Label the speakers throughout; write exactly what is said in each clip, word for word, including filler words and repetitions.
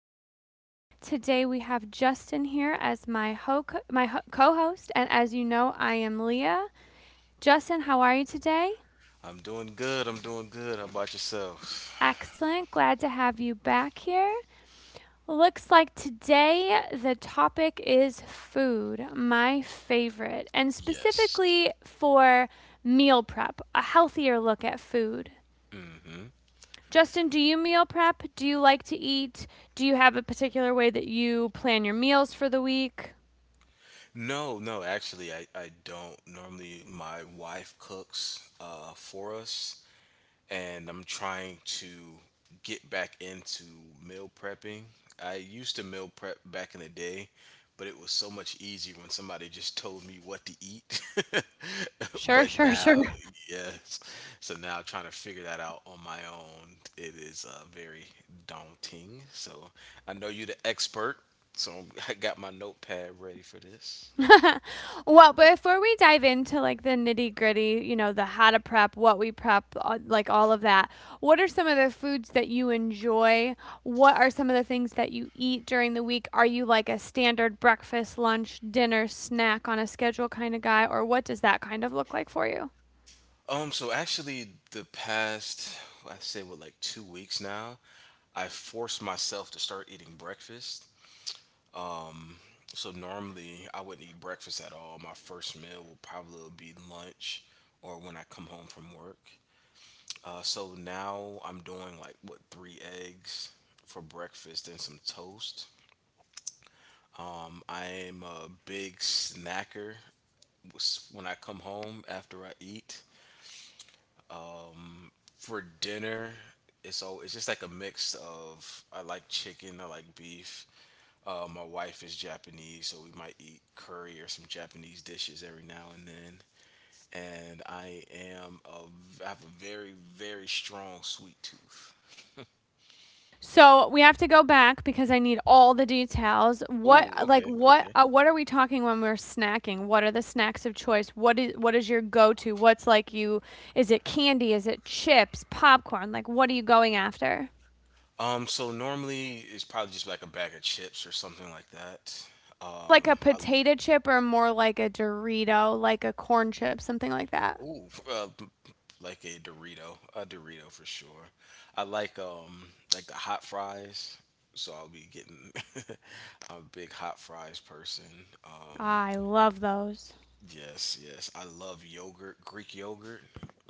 Speaker 1: show. Today we have Justin here as my ho- my ho- co-host, and as you know, I am Leah. Justin, how are you today?
Speaker 2: I'm doing good. I'm doing good. How about yourself?
Speaker 1: Excellent. Glad to have you back here. Looks like today the topic is food, my favorite, and
Speaker 2: Yes.
Speaker 1: specifically for meal prep, a healthier look at food.
Speaker 2: Hmm?
Speaker 1: Justin, do you meal prep? Do you like to eat? Do you have a particular way that you plan your meals for the week?
Speaker 2: No, no, actually, I, I don't. Normally, my wife cooks uh, for us. and I'm trying to get back into meal prepping. I used to meal prep back in the day, but it was so much easier when somebody just told me what to eat.
Speaker 1: Sure,
Speaker 2: but
Speaker 1: sure, sure.
Speaker 2: now, yes. So now trying to figure that out on my own, it is uh, very daunting. So I know you're the expert, so I got my notepad ready for this.
Speaker 1: Well, before we dive into like the nitty gritty, you know, the how to prep, what we prep, uh, like all of that, what are some of the foods that you enjoy? What are some of the things that you eat during the week? Are you like a standard breakfast, lunch, dinner, snack on a schedule kind of guy, or what does that kind of look like for you?
Speaker 2: Um, so actually, the past, I say, what, like two weeks now, I forced myself to start eating breakfast. So normally, I wouldn't eat breakfast at all. My first meal will probably be lunch or when I come home from work. Uh, so now I'm doing like what three eggs for breakfast and some toast. Um, I am a big snacker s- when I come home after I eat. For dinner, it's all it's just like a mix of I like chicken, I like beef. Uh, my wife is Japanese, so we might eat curry or some Japanese dishes every now and then. And I am a, v- I have a very very strong sweet tooth.
Speaker 1: So we have to go back because I need all the details. What
Speaker 2: Oh,
Speaker 1: like
Speaker 2: okay,
Speaker 1: what
Speaker 2: okay.
Speaker 1: uh, what are we talking when we're snacking? What are the snacks of choice? What is what is your go-to? What's like you, is it candy? Is it chips, popcorn? Like what are you going after?
Speaker 2: Um, so normally it's probably just like a bag of chips or something like that.
Speaker 1: Like a
Speaker 2: Um, I
Speaker 1: potato chip or more like a Dorito, like a corn chip, something like that.
Speaker 2: Ooh, uh, like a Dorito, a Dorito for sure. I like, um like the hot fries, so I'll be getting. I'm a big hot fries person.
Speaker 1: Ah,
Speaker 2: Um,
Speaker 1: I love those.
Speaker 2: yes, yes, I love yogurt, Greek yogurt.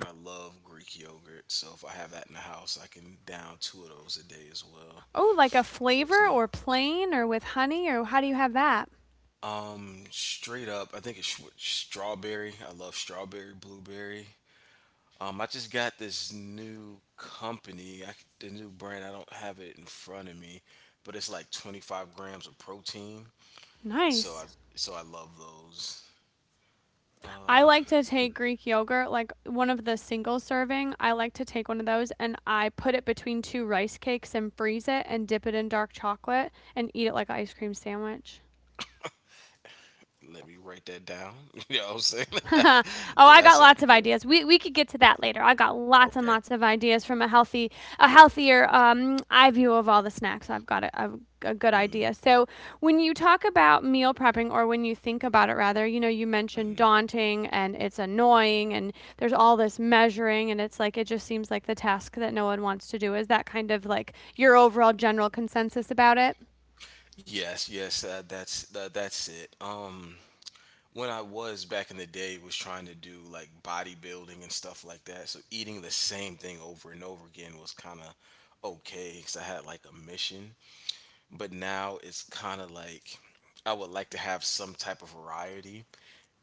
Speaker 2: I love Greek yogurt, so if I have that in the house, I can down two of those a day as well
Speaker 1: Oh, like a
Speaker 2: for a
Speaker 1: flavor
Speaker 2: snack.
Speaker 1: or plain or with honey or how do you have that?
Speaker 2: Um, straight up, I think it's sh- strawberry. I love strawberry, blueberry. Um, I just got this new company, I, the new brand. I don't have it in front of me, but it's like twenty-five grams of protein. So
Speaker 1: Nice.
Speaker 2: I so I love those.
Speaker 1: I
Speaker 2: Uh,
Speaker 1: like to take Greek yogurt, like one of the single serving. I like to take one of those and I put it between two rice cakes and freeze it and dip it in dark chocolate and eat it like an ice cream sandwich.
Speaker 2: Let me write that down. You know what I'm saying?
Speaker 1: Oh,
Speaker 2: Yeah,
Speaker 1: I
Speaker 2: that
Speaker 1: got lots
Speaker 2: sounds
Speaker 1: of
Speaker 2: good.
Speaker 1: ideas. We we could get to that later. I got lots and
Speaker 2: Okay.
Speaker 1: lots of ideas from a healthy, a healthier um, eye view of all the snacks. I've got a, a, a good
Speaker 2: Hmm.
Speaker 1: idea. So when you talk about meal prepping, or when you think about it, rather, you know, you mentioned
Speaker 2: Hmm.
Speaker 1: daunting and it's annoying, and there's all this measuring, and it's like it just seems like the task that no one wants to do. Is that kind of like your overall general consensus about it?
Speaker 2: Yes, yes, uh, that's that, that's it. Um, when I was back in the day was trying to do like bodybuilding and stuff like that. So eating the same thing over and over again was kind of okay because I had like a mission. But now it's kind of like I would like to have some type of variety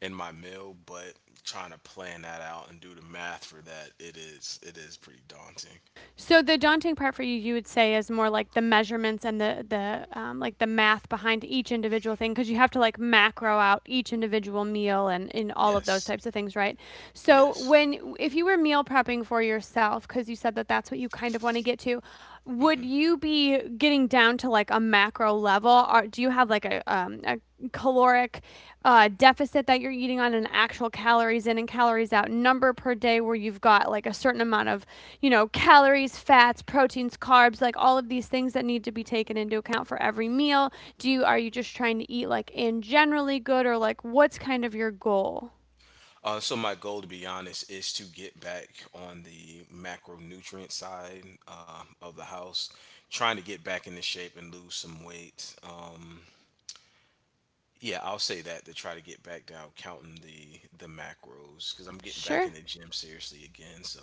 Speaker 2: in my meal, but trying to plan that out and do the math for that, it is it is pretty daunting.
Speaker 1: So the daunting part for you, you would say, is more like the measurements and the the um, like the math behind each individual thing, because you have to like macro out each individual meal and in all of those
Speaker 2: Yes.
Speaker 1: types of things, right? So
Speaker 2: Yes.
Speaker 1: when if you were meal prepping for yourself, because you said that that's what you kind of want to get to, would
Speaker 2: Mm-hmm.
Speaker 1: you be getting down to like a macro level, or do you have like a um, a caloric uh, deficit that you're eating on an actual calories in and calories out number per day where you've got like a certain amount of, you know, calories, fats, proteins, carbs, like all of these things that need to be taken into account for every meal? Do you, are you just trying to eat like in generally good, or like what's kind of your goal?
Speaker 2: Uh, so my goal, to be honest, is to get back on the macronutrient side uh, of the house, trying to get back into shape and lose some weight. Um, yeah, I'll say that to try to get back down counting the the macros because I'm getting back in
Speaker 1: Sure.
Speaker 2: the gym seriously again. So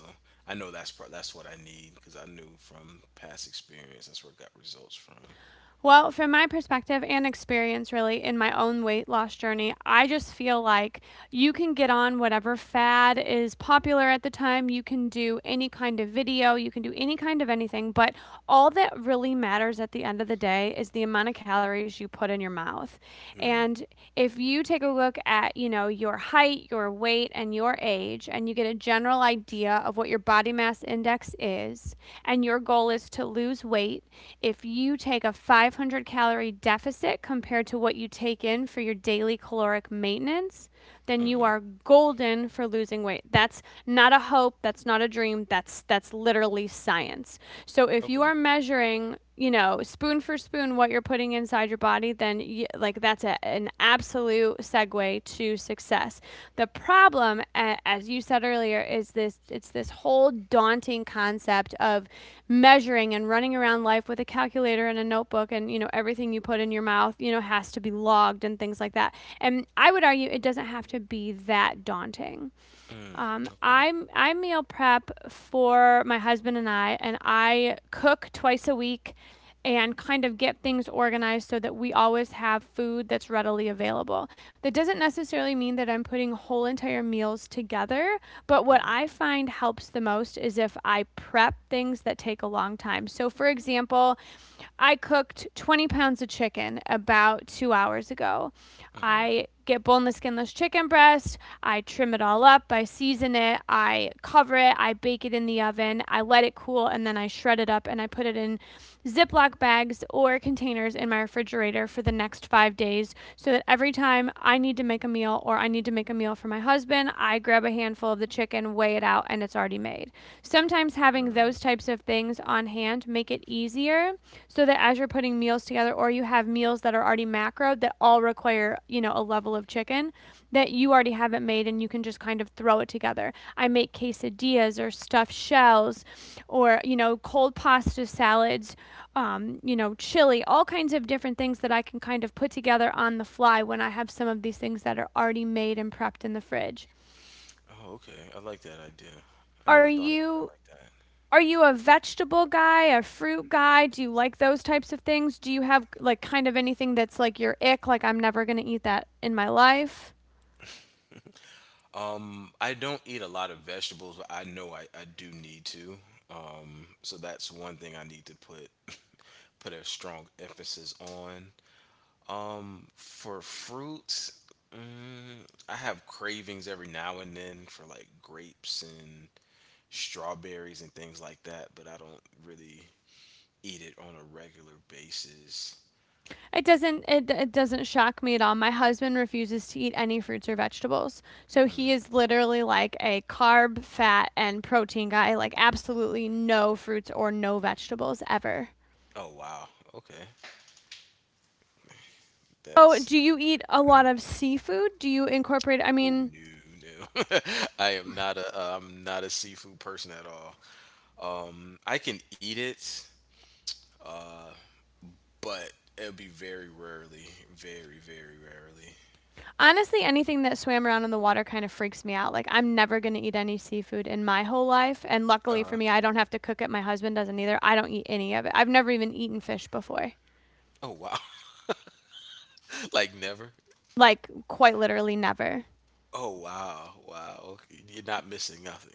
Speaker 2: I know that's pro- that's what I need because I knew from past experience that's where I got results from.
Speaker 1: Well, from my perspective and experience, really, in my own weight loss journey, I just feel like you can get on whatever fad is popular at the time. You can do any kind of video, you can do any kind of anything, but all that really matters at the end of the day is the amount of calories you put in your mouth. And if you take a look at, you know, your height, your weight, and your age, and you get a general idea of what your body mass index is, and your goal is to lose weight, if you take a five hundred calorie deficit compared to what you take in for your daily caloric maintenance, then you
Speaker 2: Hmm.
Speaker 1: are golden for losing weight. That's not a hope, that's not a dream, that's that's literally science. So if you
Speaker 2: Okay.
Speaker 1: are measuring, you know, spoon for spoon what you're putting inside your body, then y like that's a, an absolute segue to success. The problem, as you said earlier, is this it's this whole daunting concept of measuring and running around life with a calculator and a notebook, and you know everything you put in your mouth, you know, has to be logged and things like that. And I would argue it doesn't have to be that daunting.
Speaker 2: Mm,
Speaker 1: Um,
Speaker 2: okay.
Speaker 1: I'm I meal prep for my husband and I, and I cook twice a week and kind of get things organized so that we always have food that's readily available. That doesn't necessarily mean that I'm putting whole entire meals together, but what
Speaker 2: Mm,
Speaker 1: I find helps the most is if I prep things that take a long time. So, for example, I cooked twenty pounds of chicken about two hours ago.
Speaker 2: hmm.
Speaker 1: I get boneless, skinless chicken breast. I trim it all up. I season it. I cover it. I bake it in the oven. I let it cool and then I shred it up and I put it in Ziploc bags or containers in my refrigerator for the next five days so that every time I need to make a meal or I need to make a meal for my husband, I grab a handful of the chicken, weigh it out, and it's already made. Sometimes Sometimes having those types of things on hand make it easier so that as you're putting meals together or you have meals that are already macroed that all require, you know, a level of chicken, that you already have it made and you can just kind of throw it together. I make quesadillas or stuffed shells or, you know, cold pasta salads, um, you know, chili, all kinds of different things that I can kind of put together on the fly when I have some of these things that are already made and prepped in the fridge.
Speaker 2: Oh, okay. I like that idea. I
Speaker 1: Are
Speaker 2: never thought about it
Speaker 1: you
Speaker 2: like that.
Speaker 1: Are you a vegetable guy, a fruit guy? Do you like those types of things? Do you have like kind of anything that's like your ick, like I'm never going to eat that in my life?
Speaker 2: Um, I don't eat a lot of vegetables, but I know I, I do need to. Um, so that's one thing I need to put put a strong emphasis on. Um, for fruits, mm, I have cravings every now and then for like grapes and strawberries and things like that, but I don't really eat it on a regular basis.
Speaker 1: It doesn't it, it doesn't shock me at all. My husband refuses to eat any fruits or vegetables. So he is literally like a carb, fat and protein guy, like absolutely no fruits or no vegetables ever.
Speaker 2: Oh wow. Okay.
Speaker 1: Oh,
Speaker 2: That's.
Speaker 1: do you eat a lot of seafood? Do you incorporate, I
Speaker 2: Oh
Speaker 1: mean,
Speaker 2: no, no. I am not a uh, I'm not a seafood person at all. Um, I can eat it, but it'll be very rarely, very very rarely.
Speaker 1: honestly, anything that swam around in the water kind of freaks me out. Like, I'm never going to eat any seafood in my whole life. And luckily
Speaker 2: Uh,
Speaker 1: for me, I don't have to cook it. My husband doesn't either. I don't eat any of it. I've never even eaten fish before.
Speaker 2: oh wow, like never.
Speaker 1: Like, quite literally never.
Speaker 2: Oh wow, wow. Okay. You're not missing nothing.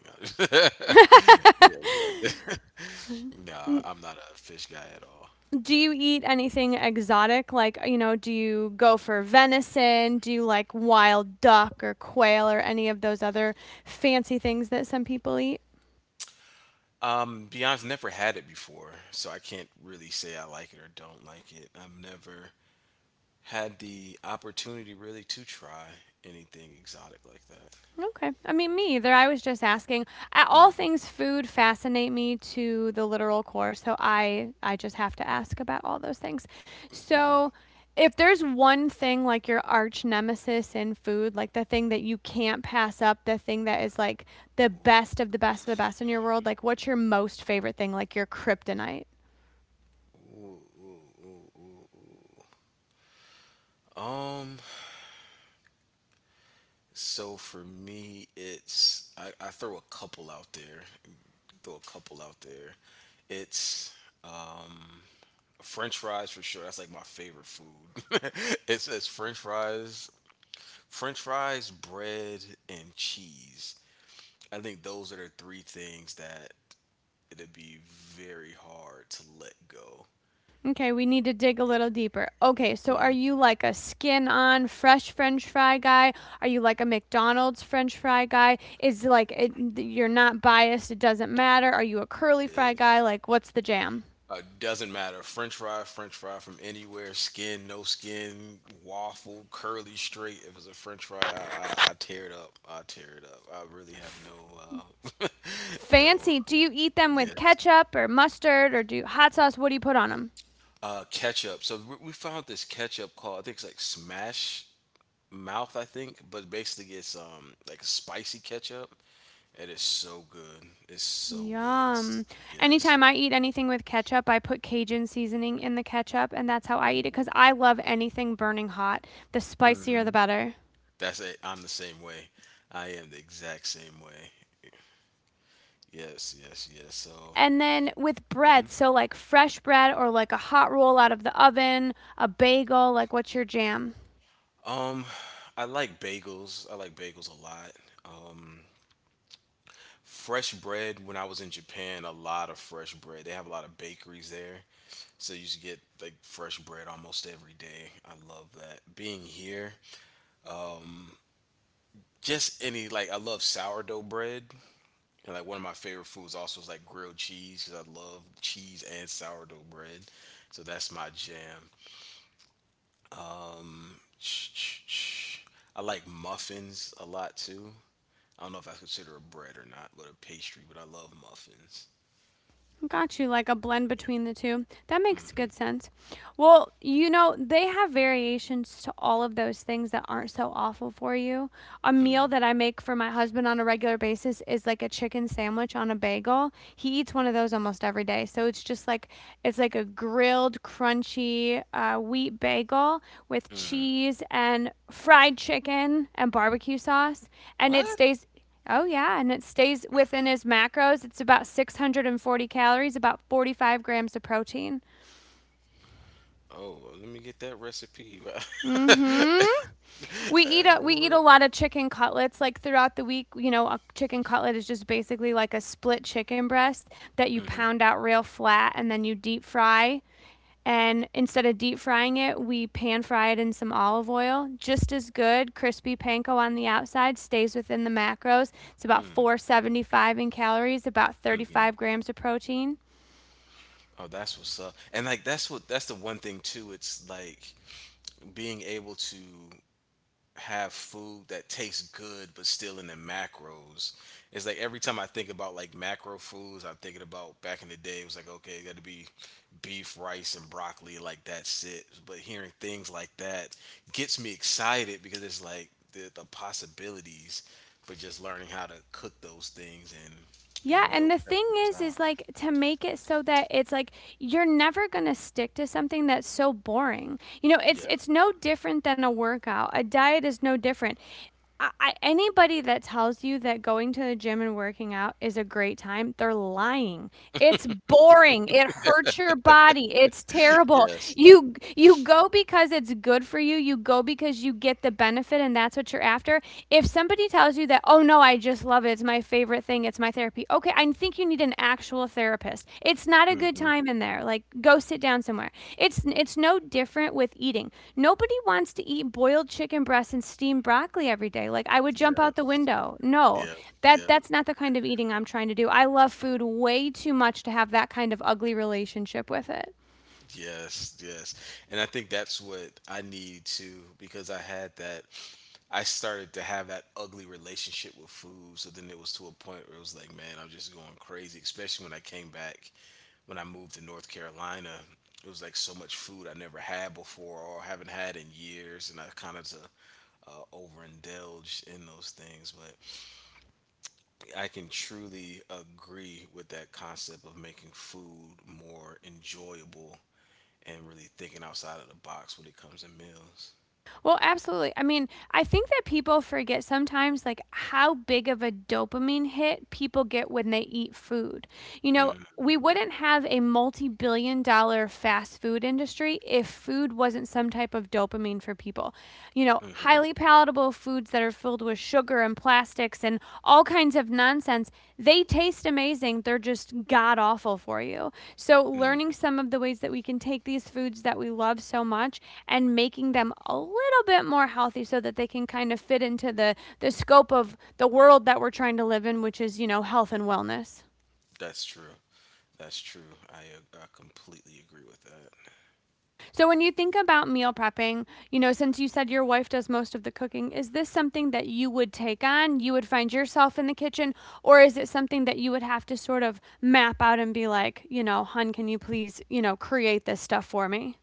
Speaker 2: Yeah, yeah. Nah, I'm not a fish guy at all.
Speaker 1: Do you eat anything exotic? Like, you know, do you go for venison? Do you like wild duck or quail or any of those other fancy things that some people eat?
Speaker 2: Um, Beyond's never had it before, so I can't really say I like it or don't like it. I've never had the opportunity really to try anything exotic like that.
Speaker 1: Okay. I mean, me either. I was just asking. A- All
Speaker 2: Mm.
Speaker 1: things food fascinate me to the literal core, so I I just have to ask about all those things. So, if there's one thing like your arch nemesis in food, like the thing that you can't pass up, the thing that is like the best of the best of the best in your world, like what's your most favorite thing, like your kryptonite?
Speaker 2: Ooh, ooh, ooh, ooh, ooh. Um, so for me, it's I, I throw a couple out there, throw a couple out there. It's French fries for sure. That's like my favorite food. it says French fries, French fries, bread, and cheese. I think those are the three things that it'd be very hard to let go.
Speaker 1: Okay, we need to dig a little deeper. Okay, so are
Speaker 2: Mm-hmm.
Speaker 1: you like a skin on fresh french fry guy? Are you like a McDonald's french fry guy? Is like it, you're not biased, it doesn't matter. Are you a curly fry
Speaker 2: Yeah,
Speaker 1: guy? Like what's the jam?
Speaker 2: Uh, doesn't matter. French fry, French fry from anywhere. Skin, no skin, waffle, curly, straight. If it's a French fry, I, I, I tear it up. I tear it up. I really have
Speaker 1: F-
Speaker 2: no, uh, no,
Speaker 1: Fancy. Do
Speaker 2: uh,
Speaker 1: you eat them with
Speaker 2: yes.
Speaker 1: ketchup or mustard or do you, hot sauce? What do you put on them?
Speaker 2: Uh, ketchup. So we, we found this ketchup called I think it's like Smash Mouth. I think, but basically it's um like spicy ketchup. It is so good. It's so good. It's-
Speaker 1: Yum.
Speaker 2: yes,
Speaker 1: Anytime I eat anything with ketchup, I put Cajun seasoning in the ketchup, and that's how I eat it because I love anything burning hot. The
Speaker 2: yes.
Speaker 1: spicier, the better.
Speaker 2: That's it. I'm the same way. I am the exact same way. Yes, yes, yes. So,
Speaker 1: And then with bread, so like fresh bread or like a hot roll out of the oven, a bagel, like what's your jam?
Speaker 2: um, I like bagels. I like bagels a lot. Um, Fresh bread. When I was in Japan, a lot of fresh bread. They have a lot of bakeries there, so you should get like fresh bread almost every day. I love that. Being here, just any like I love sourdough bread. And like one of my favorite foods also is like grilled cheese because I love cheese and sourdough bread. So that's my jam. Um, I like muffins a lot too. I don't know if I consider a bread or not, but a pastry. But I love muffins.
Speaker 1: Got you, like a blend between the two. That makes good sense. Well, you know, they have variations to all of those things that aren't so awful for you. A
Speaker 2: Mm,
Speaker 1: meal that I make for my husband on a regular basis is like a chicken sandwich on a bagel. He eats one of those almost every day. So it's just like it's like a grilled, crunchy uh, wheat bagel with
Speaker 2: mm.
Speaker 1: cheese and fried chicken and barbecue sauce, and it
Speaker 2: What?
Speaker 1: stays. Oh yeah, and it stays within his macros. It's about six hundred forty calories, about forty-five grams of protein.
Speaker 2: Oh, well, let me get that recipe.
Speaker 1: Mm-hmm. We eat
Speaker 2: Uh,
Speaker 1: a we
Speaker 2: Hold
Speaker 1: eat a
Speaker 2: up.
Speaker 1: lot of chicken cutlets like throughout the week. You know, a chicken cutlet is just basically like a split chicken breast that you
Speaker 2: Mm-hmm,
Speaker 1: pound out real flat and then you deep fry. And instead of deep frying it, we pan fry it in some olive oil. Just as good, crispy panko on the outside stays within the macros. It's about
Speaker 2: mm-hmm,
Speaker 1: four seventy-five in calories, about
Speaker 2: mm-hmm.
Speaker 1: thirty-five grams of protein.
Speaker 2: Oh, that's what's up. And like that's what that's the one thing too. It's like being able to have food that tastes good but still in the macros. It's like every time I think about like macro foods, I'm thinking about back in the day. It was like okay, it got to be beef, rice, and broccoli. Like that's it. But hearing things like that gets me excited because it's like the, the possibilities. But just learning how to cook those things and
Speaker 1: Yeah,
Speaker 2: and
Speaker 1: and
Speaker 2: milk
Speaker 1: the thing
Speaker 2: prepping those
Speaker 1: is is
Speaker 2: out.
Speaker 1: like to make it so that it's like you're never going to stick to something that's so boring. You know, it's
Speaker 2: Yeah.
Speaker 1: it's no different than a workout. A diet is no different. I, anybody that tells you that going to the gym and working out is a great time, they're lying. It's boring. It hurts your body. It's terrible.
Speaker 2: Yes.
Speaker 1: You you go because it's good for you. You go because you get the benefit and that's what you're after. If somebody tells you that, "Oh no, I just love it. It's my favorite thing. It's my therapy." Okay, okay, I think you need an actual therapist. It's not a good
Speaker 2: Hmm.
Speaker 1: time in there. Like, go sit down somewhere. It's it's no different with eating. Nobody wants to eat boiled chicken breasts and steamed broccoli every day. Like, I would jump
Speaker 2: Yeah.
Speaker 1: out the window. No,
Speaker 2: Yeah.
Speaker 1: that
Speaker 2: Yeah.
Speaker 1: that's not the kind of eating I'm trying to do. I love food way too much to have that kind of ugly relationship with it.
Speaker 2: Yes, yes. And I think that's what I need too because I had that I started to have that ugly relationship with food. So then it was to a point where it was like, man, I'm just going crazy, especially when I came back when I moved to North Carolina. It was like so much food I never had before or haven't had in years and I kind of to uh, overindulge in those things, but I can truly agree with that concept of making food more enjoyable and really thinking outside of the box when it comes to meals.
Speaker 1: Well, absolutely. I mean, I think that people forget sometimes like how big of a dopamine hit people get when they eat food. You know,
Speaker 2: Mm,
Speaker 1: we wouldn't have a multi billion dollar fast food industry if food wasn't some type of dopamine for people. You know,
Speaker 2: mhm,
Speaker 1: highly palatable foods that are filled with sugar and and plastics and all kinds of nonsense. They taste amazing. They're just god awful for you. So,
Speaker 2: mm.
Speaker 1: learning some of the ways that we can take these foods that we love so much and making them a little bit more healthy so that they can kind of fit into the, the scope of the world that we're trying to live in, which is, you know, health and wellness.
Speaker 2: that's true. That's true. I uh, I completely agree with that.
Speaker 1: So, when you think about meal prepping, you know, since you said your wife does most of the cooking, is this something that you would take on? You would find yourself in the kitchen, or is it something that you would have to sort of map out and be like, you know, hun, can you please, you know, create this stuff for me?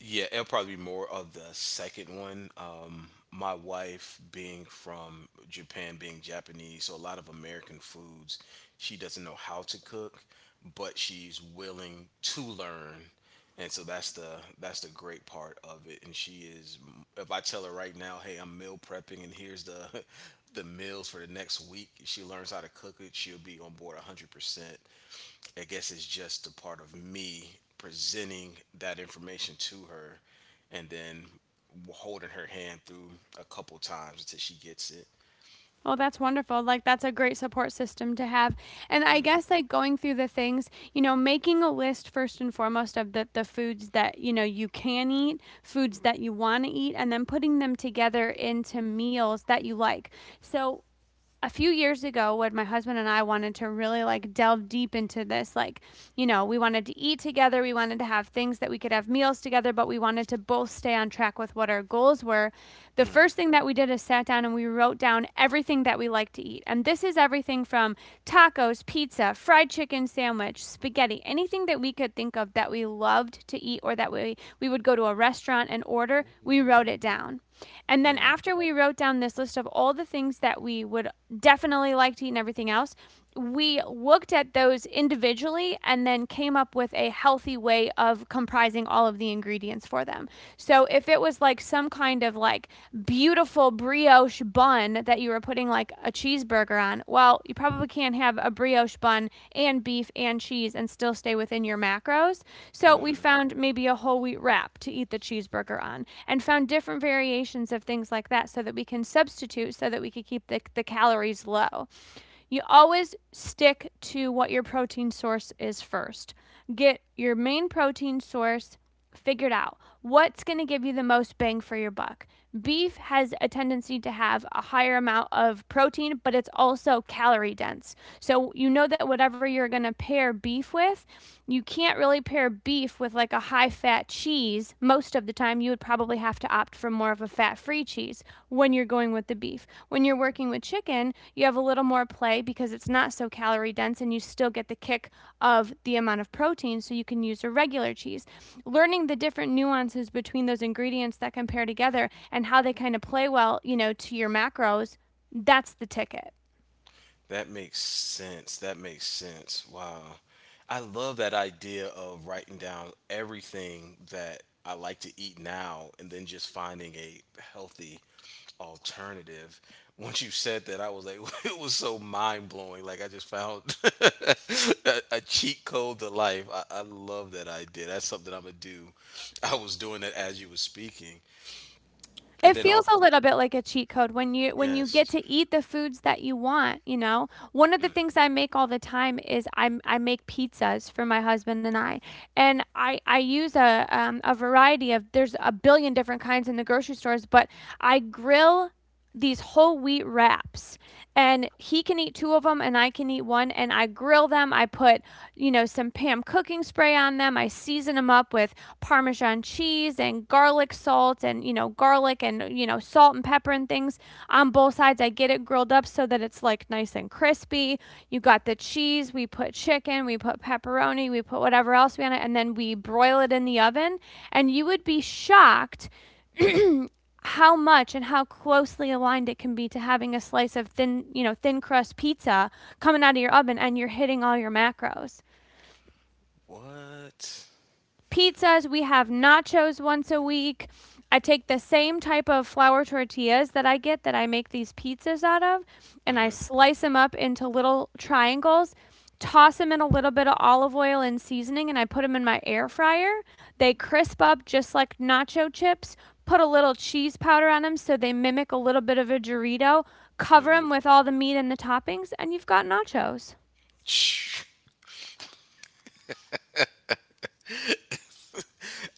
Speaker 2: Yeah, it'll probably be more of the second one. Um, my wife being from Japan, being Japanese, so a lot of American foods, she doesn't know how to cook, but she's willing to learn. And so that's the that's the great part of it. And she is, if I tell her right now, hey, I'm meal prepping, and here's the the meals for the next week. If She learns how to cook it. She'll be on board one hundred percent. I guess it's just a part of me presenting that information to her and then holding her hand through a couple times until she gets it.
Speaker 1: Oh, that's wonderful. Like, that's a great support system to have. And I guess, like, going through the things, you know, making a list first and foremost of the, the foods that, you know, you can eat, foods that you want to eat, and then putting them together into meals that you like. So, a few years ago when my husband and I wanted to really like delve deep into this, like, you know, we wanted to eat together, we wanted to have things that we could have meals together but we wanted to both stay on track with what our goals were. The
Speaker 2: Mm.
Speaker 1: first thing that we did is sat down and we wrote down everything that we like to eat, and this is everything from tacos, pizza, fried chicken sandwich, spaghetti, anything that we could think of that we loved to eat or that we we would go to a restaurant and order.
Speaker 2: Ooh.
Speaker 1: We wrote it down, and then
Speaker 2: Mm.
Speaker 1: after we wrote down this list of all the things that we would definitely like to eat and everything else, we looked at those individually and then came up with a healthy way of comprising all of the ingredients for them. So if it was like some kind of like beautiful brioche bun, bun that you were putting like a cheeseburger on, well, you probably can't have a brioche bun and beef and cheese and still stay within your macros. So we found maybe a whole wheat wrap to eat the cheeseburger on and found different variations of things like that so that we can substitute so that we could keep the, the calories low. You always stick to what your protein source is first. Get your main protein source figured out. What's going to give you the most bang for your buck? Beef has a tendency to have a higher amount of protein, but it's also calorie dense. So you know that whatever you're going to pair beef with, you can't really pair beef with like a high fat cheese most of the time. You would probably have to opt for more of a fat free cheese when you're going with the beef. When you're working with chicken, you have a little more play because it's not so calorie dense and you still get the kick of the amount of protein, so you can use a regular cheese. Learning the different nuances between those ingredients that compare together and how they kind of play well, you know, to your macros, that's the ticket.
Speaker 2: That makes sense. That makes sense. Wow. I love that idea of writing down everything that I like to eat now and then just finding a healthy alternative. Once you said that, I was like, it was so mind blowing. Like I just found a, a cheat code to life. I, I love that idea. That's something I'm gonna do. I was doing it as you were speaking, and
Speaker 1: It
Speaker 2: then
Speaker 1: feels a
Speaker 2: also,
Speaker 1: little bit like a cheat code when you when you get
Speaker 2: yes.
Speaker 1: to eat the foods that you want, you know? One of the
Speaker 2: Mm.
Speaker 1: things I make all the time is i I make pizzas for my husband and I. And I I use a um, a variety of, there's a billion different kinds in the grocery stores, but I grill these whole wheat wraps and he can eat two of them and I can eat one, and I grill them. I put, you know, some Pam cooking spray on them, I season them up with parmesan cheese and garlic salt, and, you know, garlic and, you know, salt and pepper and things on both sides. I get it grilled up so that it's like nice and crispy. You got the cheese, we put chicken, we put pepperoni, we put whatever else we want it, and then we broil it in the oven, and you would be shocked how much and how closely aligned it can be to having a slice of thin, you know, thin crust pizza coming out of your oven and you're hitting all your macros
Speaker 2: What?
Speaker 1: pizzas. We have nachos once a week. I take the same type of flour tortillas that I get that I make these pizzas out of, and I
Speaker 2: Mm-hmm.
Speaker 1: slice them up into little triangles, toss them in a little bit of olive oil and seasoning, and I put them in my air fryer. They crisp up just like nacho chips. Put a little cheese powder on them so they mimic a little bit of a Dorito. Cover
Speaker 2: Mm-hmm.
Speaker 1: them with all the meat and the toppings, and you've got nachos.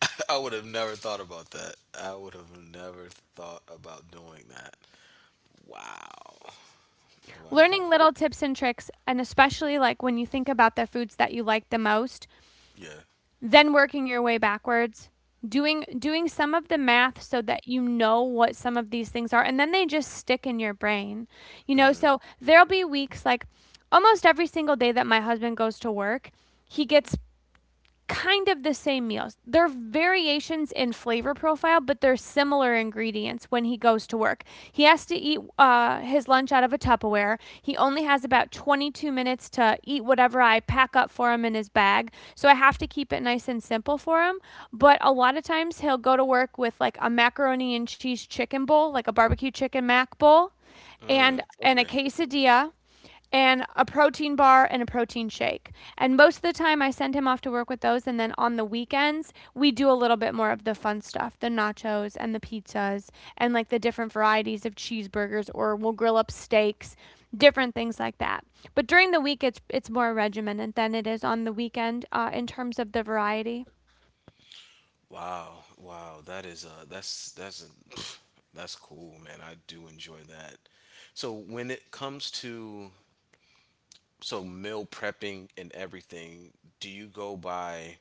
Speaker 2: I would have never thought about that. I would have never thought about doing that. Wow. Wow.
Speaker 1: Learning little tips and tricks, and especially like when you think about the foods that you like the most,
Speaker 2: Yeah.
Speaker 1: then working your way backwards, doing doing some of the math so that you know what some of these things are, and then they just stick in your brain. You know,
Speaker 2: Mm-hmm.
Speaker 1: so there'll be weeks like almost every single day that my husband goes to work, he gets kind of the same meals. They're variations in flavor profile, but they're similar ingredients when he goes to work. He has to eat uh, his lunch out of a Tupperware. He only has about twenty-two minutes to eat whatever I pack up for him in his bag. So I have to keep it nice and simple for him. But a lot of times he'll go to work with like a macaroni and cheese chicken bowl, like a barbecue chicken mac bowl,
Speaker 2: Mm,
Speaker 1: and, and a
Speaker 2: okay.
Speaker 1: quesadilla and a protein bar and a protein shake. And most of the time, I send him off to work with those. And then on the weekends, we do a little bit more of the fun stuff, the nachos and the pizzas and like the different varieties of cheeseburgers, or we'll grill up steaks, different things like that. But during the week, it's, it's more regimented than it is on the weekend uh, in terms of the variety.
Speaker 2: Wow, wow, that is uh that's that's a, pff, that's cool, man. I do enjoy that. So when it comes to so meal prepping and everything, do you go by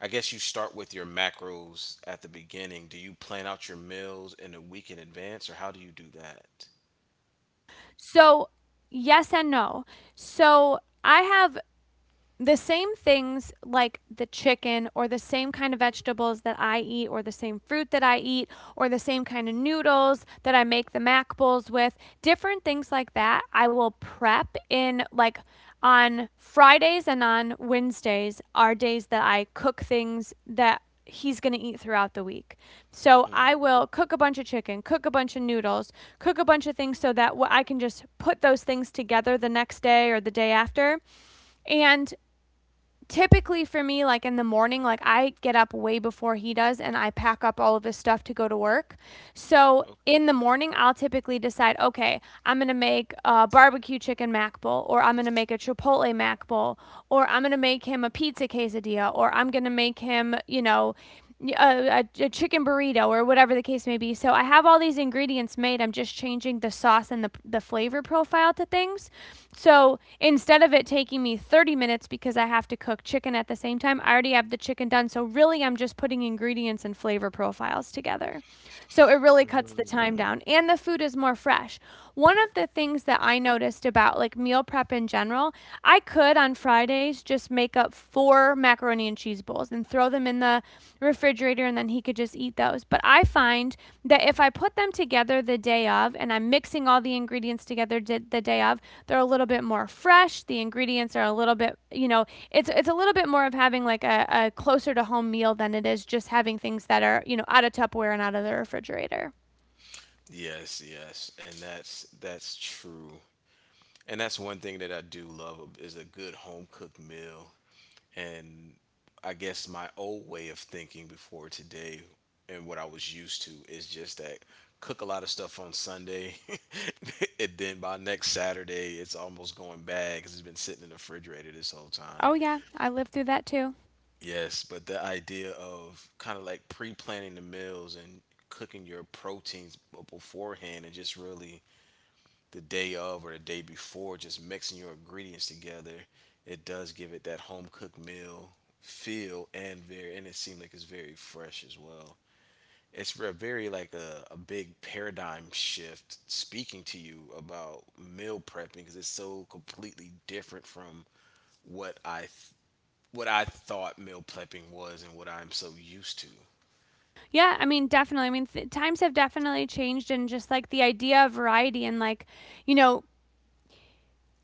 Speaker 2: I guess you start with your macros at the beginning. Do you plan out your meals in a week in advance or how do you do that?
Speaker 1: So, yes and no. So, I have the same things like the chicken or the same kind of vegetables that I eat or the same fruit that I eat or the same kind of noodles that I make the mac bowls with, different things like that, I will prep in like on Fridays and on Wednesdays are days that I cook things that he's going to eat throughout the week. So
Speaker 2: Mm.
Speaker 1: I will cook a bunch of chicken, cook a bunch of noodles, cook a bunch of things so that I can just put those things together the next day or the day after. And typically for me, like in the morning, like I get up way before he does, and I pack up all of his stuff to go to work. So
Speaker 2: Okay.
Speaker 1: in the morning, I'll typically decide, okay, I'm gonna make a barbecue chicken mac bowl, or I'm gonna make a chipotle mac bowl, or I'm gonna make him a pizza quesadilla, or I'm gonna make him, you know, a, a, a chicken burrito or whatever the case may be. So I have all these ingredients made. I'm just changing the sauce and the, the flavor profile to things. So instead of it taking me thirty minutes because I have to cook chicken at the same time, I already have the chicken done. So really, I'm just putting ingredients and flavor profiles together. So it really cuts the
Speaker 2: Mm.
Speaker 1: time down and the food is more fresh. One of the things that I noticed about like meal prep in general, I could on Fridays just make up four macaroni and cheese bowls and throw them in the refrigerator, and then he could just eat those. But I find that that if I put them together the day of and I'm mixing all the ingredients together the day of, they're a little bit more fresh. The ingredients are a little bit, you know, it's it's a little bit more of having like a, a closer to home meal than it is just having things that are, you know, out of Tupperware and out of the refrigerator.
Speaker 2: Yes, yes, and that's that's true, and that's one thing that I do love ab- is a good home cooked meal. and I guess my old way of thinking before today and what I was used to is just that cook a lot of stuff on Sunday and then by next Saturday it's almost going bad because it's been sitting in the refrigerator this whole time.
Speaker 1: Oh yeah, I lived through that too.
Speaker 2: Yes, but the idea of kind of like pre-planning the meals and cooking your proteins b- beforehand and just really the day of or the day before, just mixing your ingredients together, it does give it that home cooked meal feel and very and it seemed like it's very fresh as well. It's a very like a, a big paradigm shift speaking to you about meal prepping because it's so completely different from what I th- what I thought meal prepping was and what I'm so used to.
Speaker 1: Yeah, I mean definitely. I mean th- times have definitely changed, and just like the idea of variety and like, you know,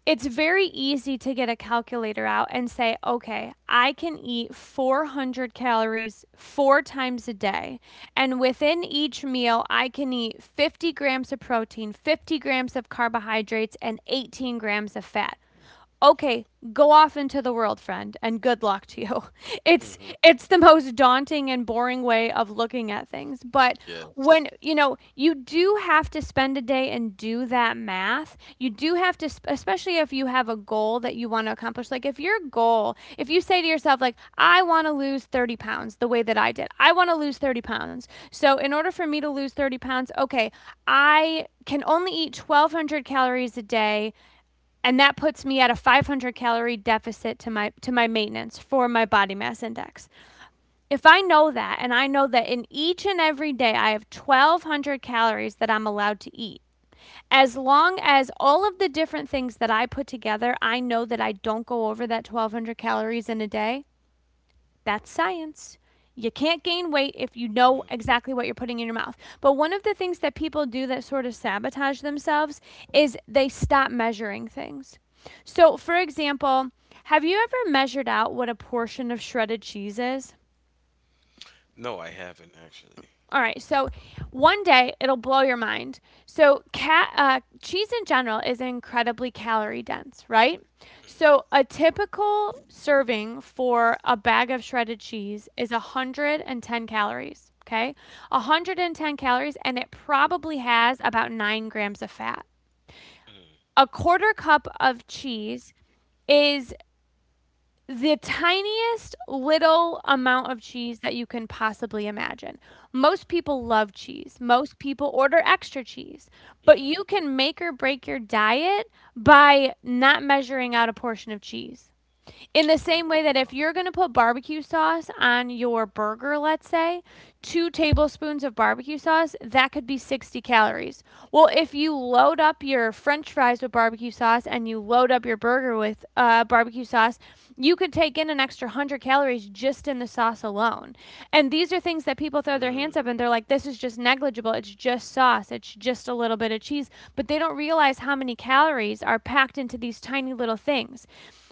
Speaker 1: it's very easy to get a calculator out and say, okay, I can eat four hundred calories four times a day. And within each meal, I can eat fifty grams of protein, fifty grams of carbohydrates, and eighteen grams of fat. Okay, go off into the world, friend, and good luck to you. it's
Speaker 2: Hmm.
Speaker 1: it's the most daunting and boring way of looking at things. But
Speaker 2: Yes.
Speaker 1: when you know you do have to spend a day and do that math, you do have to sp- especially if you have a goal that you want to accomplish, like if your goal if you say to yourself, like, I want to lose thirty pounds. The way that I did, I want to lose thirty pounds. So in order for me to lose thirty pounds, okay, I can only eat twelve hundred calories a day, and that puts me at a five hundred calorie deficit to my to my maintenance for my body mass index. If I know that, and I know that in each and every day I have twelve hundred calories that I'm allowed to eat, as long as all of the different things that I put together, I know that I don't go over that twelve hundred calories in a day, that's science. You can't gain weight if you know exactly what you're putting in your mouth. But one of the things that people do that sort of sabotage themselves is they stop measuring things. So, for example, have you ever measured out what a portion of shredded cheese is?
Speaker 2: No, I haven't actually.
Speaker 1: All right, so one day it'll blow your mind. So, cat, uh, cheese in general is incredibly calorie dense, right? So a typical serving for a bag of shredded cheese is one hundred ten calories, okay? one hundred ten calories, and it probably has about nine grams of fat. A quarter cup of cheese is the tiniest little amount of cheese that you can possibly imagine. Most people love cheese. Most people order extra cheese. But you can make or break your diet by not measuring out a portion of cheese. In the
Speaker 2: Oh.
Speaker 1: same way, that if you're going to put barbecue sauce on your burger, let's say, two tablespoons of barbecue sauce, that could be sixty calories. Well, if you load up your french fries with barbecue sauce and you load up your burger with uh, barbecue sauce, you could take in an extra one hundred calories just in the sauce alone. And these are things that people throw their hands
Speaker 2: Mm.
Speaker 1: up, and they're like, this is just negligible. It's just sauce. It's just a little bit of cheese. But they don't realize how many calories are packed into these tiny little things.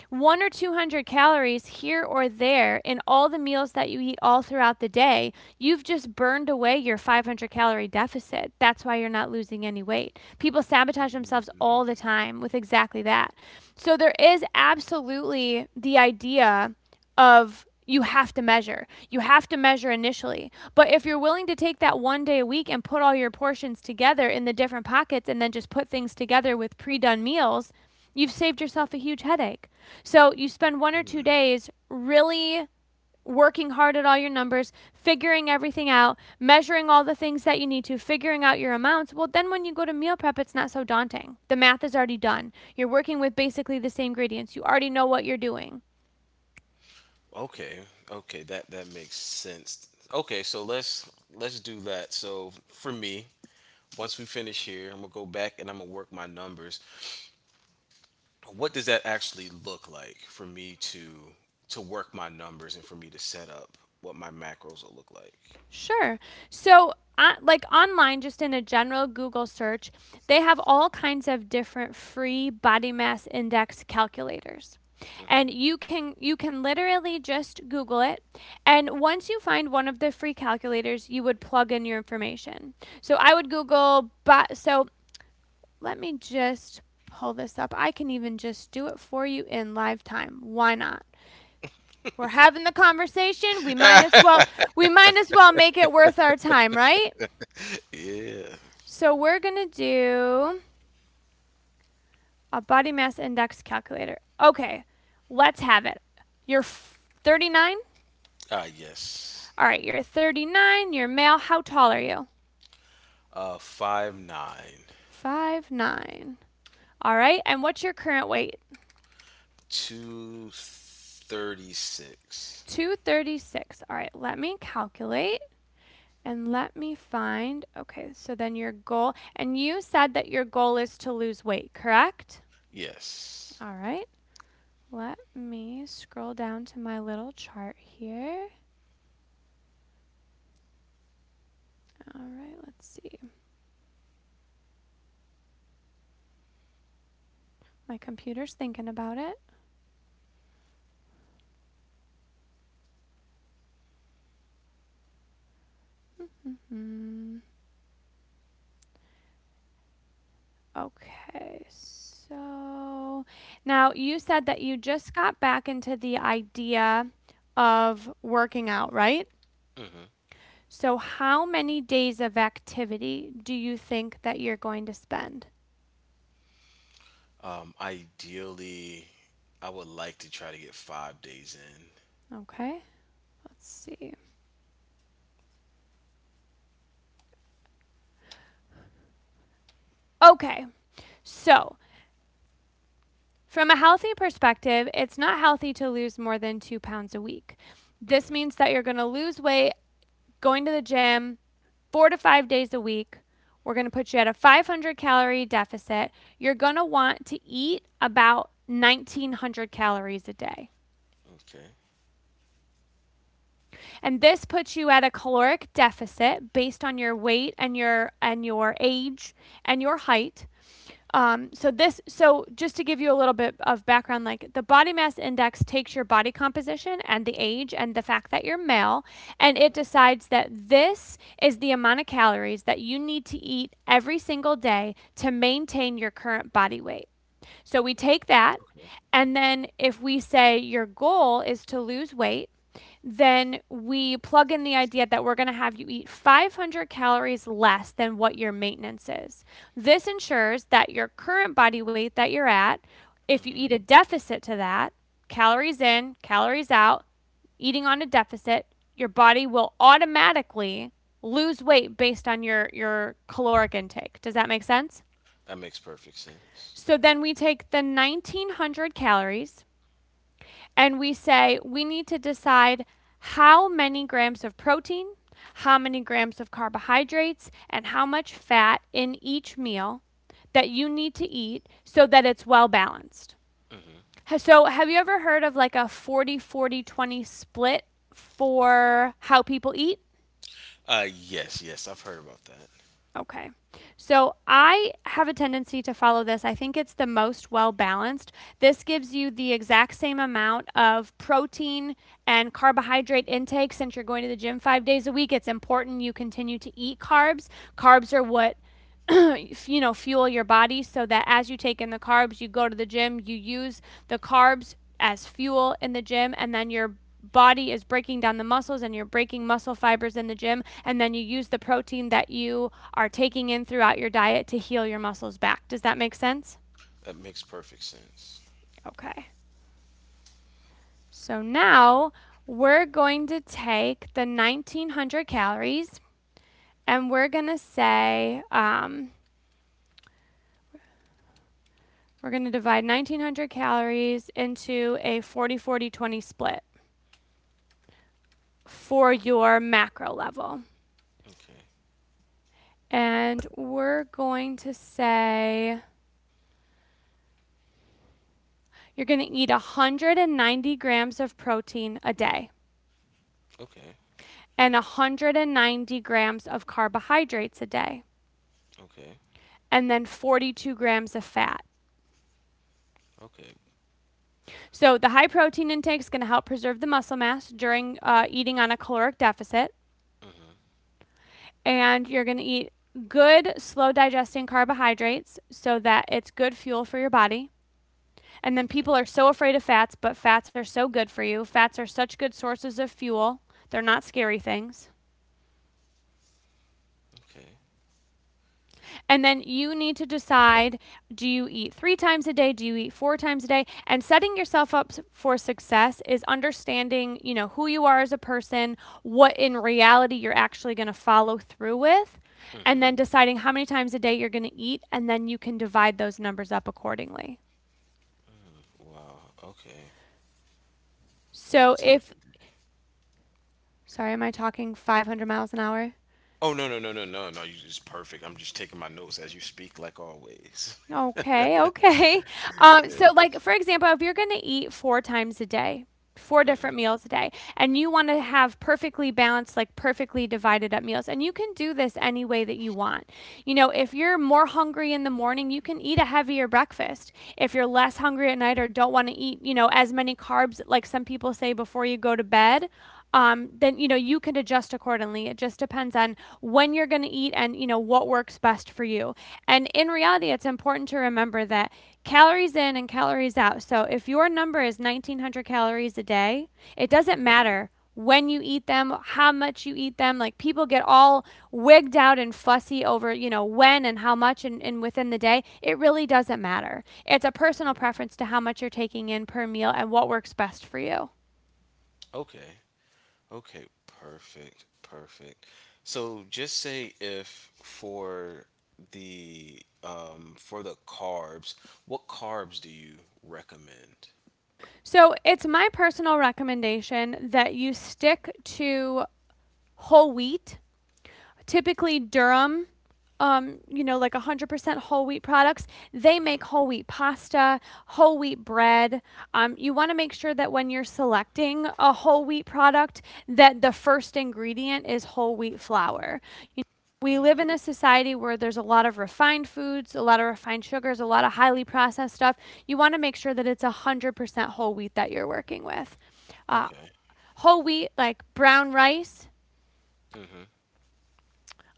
Speaker 1: One or two hundred calories here or there in all the meals that you eat all throughout the day, you've just burned away your five hundred calorie deficit. That's why you're not losing any weight. People sabotage themselves all the time with exactly that. So there is absolutely the idea of you have to measure. You have to measure initially. But if you're willing to take that one day a week and put all your portions together in the different pockets and then just put things together with pre done meals, you've saved yourself a huge headache. So you spend one or two days really working hard at all your numbers, figuring everything out, measuring all the things that you need to, figuring out your amounts. Well, then when you go to meal prep, it's not so daunting. The math is already done. You're working with basically the same ingredients. You already know what you're doing.
Speaker 2: Okay, okay, that that makes sense. Okay, so let's let's do that. So for me, once we finish here, I'm gonna go back and I'm gonna work my numbers. What does that actually look like for me to to work my numbers and for me to set up what my macros will look like?
Speaker 1: Sure. So, uh, like online, just in a general Google search, they have all kinds of different free body mass index calculators. And you can you can literally just Google it, and once you find one of the free calculators, you would plug in your information. So I would Google, but so let me just pull this up. I can even just do it for you in live time. Why not? We're having the conversation. We might as well we might as well make it worth our time, right?
Speaker 2: Yeah.
Speaker 1: So we're going to do a body mass index calculator. Okay. Let's have it. You're thirty-nine?
Speaker 2: Ah, yes.
Speaker 1: All right, you're thirty-nine, you're male. How tall are you?
Speaker 2: Uh, five nine,
Speaker 1: Five nine. All right. And what's your current weight?
Speaker 2: two thirty six.
Speaker 1: two thirty-six. All right, let me calculate and let me find. Okay, so then your goal, and you said that your goal is to lose weight, correct?
Speaker 2: Yes.
Speaker 1: All right. Let me scroll down to my little chart here. All right, let's see. My computer's thinking about it. Mm-hmm. Okay, so now you said that you just got back into the idea of working out, right? So, how many days of activity do you think that you're going to spend?
Speaker 2: Um, ideally, I would like to try to get five days in.
Speaker 1: Okay, let's see. Okay, so from a healthy perspective, it's not healthy to lose more than two pounds a week. This means that you're going to lose weight going to the gym four to five days a week. We're going to put you at a five hundred calorie deficit. You're going to want to eat about nineteen hundred calories a day.
Speaker 2: Okay.
Speaker 1: And this puts you at a caloric deficit based on your weight and your and your age and your height. Um, so this, so just to give you a little bit of background, like the body mass index takes your body composition and the age and the fact that you're male, and it
Speaker 2: Mm.
Speaker 1: decides that this is the amount of calories that you need to eat every single day to maintain your current body weight. So we take that,
Speaker 2: Okay.
Speaker 1: and then if we say your goal is to lose weight, then we plug in the idea that we're going to have you eat five hundred calories less than what your maintenance is. This ensures that your current body weight that you're at, if you eat a deficit to that, calories in, calories out, eating on a deficit, your body will automatically lose weight based on your your caloric intake. Does that make sense?
Speaker 2: That makes perfect sense.
Speaker 1: So then we take the nineteen hundred calories, and we say we need to decide how many grams of protein, how many grams of carbohydrates, and how much fat in each meal that you need to eat so that it's well balanced. So, have you ever heard of like a forty forty twenty split for how people eat?
Speaker 2: Uh, yes, yes, I've heard about that.
Speaker 1: Okay. So I have a tendency to follow this. I think it's the most well balanced. This gives you the exact same amount of protein and carbohydrate intake, since you're going to the gym five days a week. It's important you continue to eat carbs. Carbs are what you know, fuel your body so that as you take in the carbs, you go to the gym, you use the carbs as fuel in the gym, and then your body is breaking down the muscles, and you're breaking muscle fibers in the gym, and then you use the protein that you are taking in throughout your diet to heal your muscles back. Does that make sense?
Speaker 2: That makes perfect sense.
Speaker 1: Okay. So now we're going to take the nineteen hundred calories, and we're going to say, um, we're going to divide nineteen hundred calories into a forty forty twenty split for your macro level.
Speaker 2: Okay.
Speaker 1: And we're going to say you're going to eat one hundred ninety grams of protein a day,
Speaker 2: Okay.
Speaker 1: and one hundred ninety grams of carbohydrates a day,
Speaker 2: Okay.
Speaker 1: and then forty-two grams of fat.
Speaker 2: Okay.
Speaker 1: So the high protein intake is going to help preserve the muscle mass during uh, eating on a caloric deficit. And you're going to eat good, slow digesting carbohydrates so that it's good fuel for your body. And then
Speaker 2: Okay.
Speaker 1: people are so afraid of fats, but fats are so good for you. Fats are such good sources of fuel, they're not scary things.
Speaker 2: Okay.
Speaker 1: And then you need to decide, do you eat three times a day? Do you eat four times a day? And setting yourself up for success is understanding, you know, who you are as a person, what in reality you're actually going to follow through with, and then deciding how many times a day you're going to eat. And then you can divide those numbers up accordingly.
Speaker 2: Wow. Okay. How many
Speaker 1: So
Speaker 2: times?
Speaker 1: if,
Speaker 2: did they-
Speaker 1: sorry, am I talking five hundred miles an hour?
Speaker 2: Oh, no, no, no, no, no, no! You just perfect. I'm just taking my notes as you speak, like always.
Speaker 1: Okay, okay. Um, so like for example, if you're going to eat four times a day, four different meals a day, and you want to have perfectly balanced, like perfectly divided up meals, and you can do this any way that you want. You know, if you're more hungry in the morning, you can eat a heavier breakfast. If you're less hungry at night or don't want to eat, you know, as many carbs like some people say before you go to bed, um, then you know you can adjust accordingly. It just depends on when you're going to eat and you know what works best for you. And in reality, it's important to remember that calories in and calories out. So if your number is nineteen hundred calories a day, it doesn't matter when you eat them, how much you eat them. Like people get all wigged out and fussy over, you know, when and how much and, and within the day. It really doesn't matter. It's a personal preference to how much you're taking in per meal and what works best for you.
Speaker 2: Okay. Okay, perfect, perfect. So just say if for the um for the carbs, what carbs do you recommend?
Speaker 1: So it's my personal recommendation that you stick to whole wheat, typically Durham. Um, you know, like one hundred percent whole wheat products. They make whole wheat pasta, whole wheat bread. Um, you want to make sure that when you're selecting a whole wheat product, that the first ingredient is whole wheat flour. You know, we live in a society where there's a lot of refined foods, a lot of refined sugars, a lot of highly processed stuff. You want to make sure that it's one hundred percent whole wheat that you're working with. Uh,
Speaker 2: Okay.
Speaker 1: Whole wheat, like brown rice,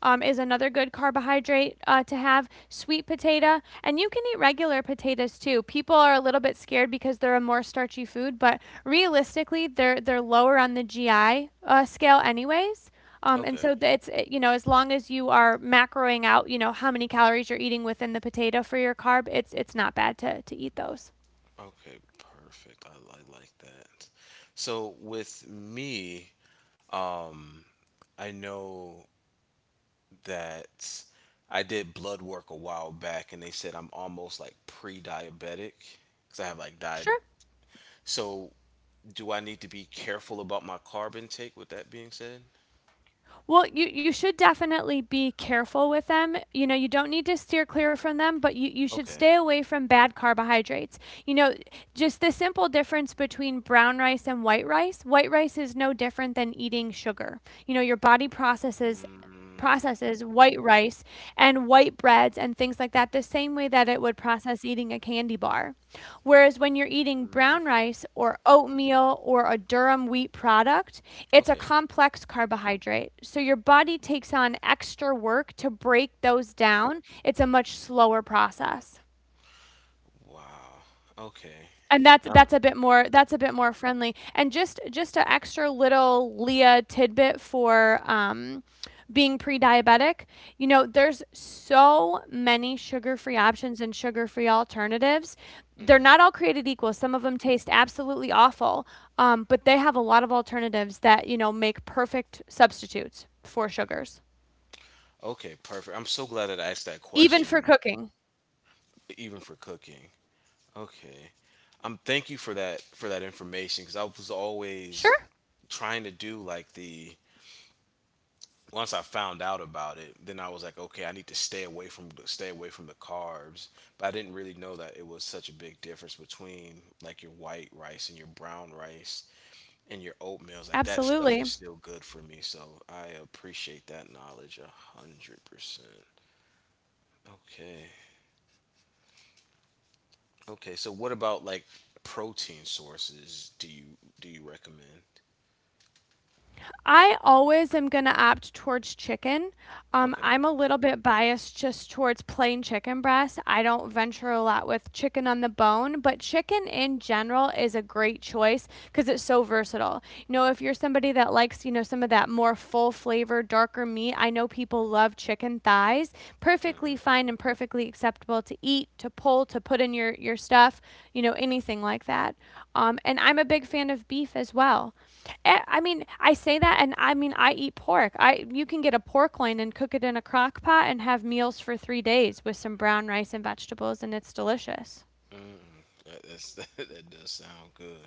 Speaker 1: um, is another good carbohydrate uh, to have. Sweet potato, and you can eat regular potatoes too. People are a little bit scared because they're a more starchy food, but realistically, they're they're lower on the G I uh, scale anyways. Um, and
Speaker 2: Okay.
Speaker 1: so it's uh, you know, as long as you are macroing out, you know how many calories you're eating within the potato for your carb, it's it's not bad to to eat those.
Speaker 2: Okay, perfect. I, I like that. So with me, um, I know that I did blood work a while back, and they said I'm almost like pre-diabetic because I have like di
Speaker 1: Sure.
Speaker 2: So, do I need to be careful about my carb intake with that being said?
Speaker 1: Well, you, you should definitely be careful with them. You know, you don't need to steer clear from them, but you, you should
Speaker 2: Okay.
Speaker 1: stay away from bad carbohydrates. You know, just the simple difference between brown rice and white rice. White rice is no different than eating sugar. You know, your body processes processes white rice and white breads and things like that the same way that it would process eating a candy bar. Whereas when you're eating brown rice or oatmeal or a durum wheat product, it's a
Speaker 2: Okay.
Speaker 1: complex carbohydrate. So your body takes on extra work to break those down. It's a much slower process,
Speaker 2: Wow. Okay.
Speaker 1: and that's
Speaker 2: Um
Speaker 1: that's a bit more, that's a bit more friendly, and just just an extra little leah tidbit for um, being pre-diabetic. You know, there's so many sugar-free options and sugar-free alternatives. They're not all created equal. Some of them taste absolutely awful. Um, but they have a lot of alternatives that, you know, make perfect substitutes for sugars,
Speaker 2: okay, perfect. I'm so glad that I asked that
Speaker 1: even
Speaker 2: question
Speaker 1: for
Speaker 2: be-
Speaker 1: cooking.
Speaker 2: Even for cooking. Okay. Um thank you for that for that information cuz I was always
Speaker 1: Sure.
Speaker 2: trying to do like the once I found out about it, then I was like, okay, I need to stay away from stay away from the carbs. But I didn't really know that it was such a big difference between like your white rice and your brown rice and your oatmeals. Like that stuff
Speaker 1: Absolutely.
Speaker 2: is still good for me, so I appreciate that knowledge a hundred percent. Okay, okay. So what about like protein sources? Do you do you recommend?
Speaker 1: I always am going to opt towards chicken. Um,
Speaker 2: Okay.
Speaker 1: I'm a little bit biased just towards plain chicken breast. I don't venture a lot with chicken on the bone, but chicken in general is a great choice because it's so versatile. You know, if you're somebody that likes, you know, some of that more full flavor, darker meat, I know people love chicken thigh size,
Speaker 2: Mhm.
Speaker 1: perfectly fine and perfectly acceptable to eat, to pull, to put in your, your stuff, you know, anything like that. Um, and I'm a big fan of beef as well. Eh, I mean, I say that, and I mean, I eat pork. I You can get a pork loin and cook it in a crock pot and have meals for three days with some brown rice and vegetables, and it's delicious.
Speaker 2: That, that's, that does sound good.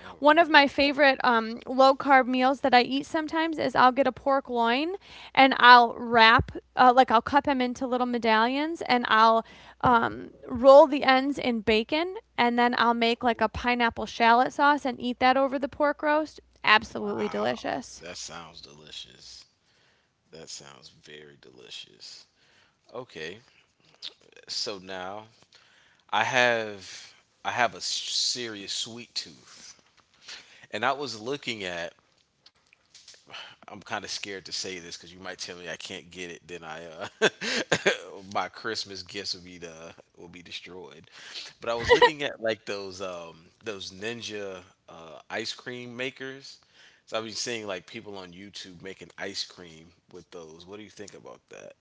Speaker 2: All
Speaker 1: One of
Speaker 2: right.
Speaker 1: my favorite um, low carb meals that I eat sometimes is I'll get a pork loin and I'll wrap, uh, like I'll cut them into little medallions and I'll um, roll the ends in bacon and then I'll make like a pineapple shallot sauce and eat that over the pork roast. Absolutely
Speaker 2: Wow,
Speaker 1: delicious.
Speaker 2: that sounds delicious. That sounds very delicious. Okay, so now I have I have a s- serious sweet tooth, and I was looking at I'm kind of scared to say this because you might tell me I can't get it. Then I, uh, my Christmas gifts will be the will be destroyed. But I was looking at like those um those ninja uh, ice cream makers. So I've been seeing like people on YouTube making ice cream with those. What do you think about that?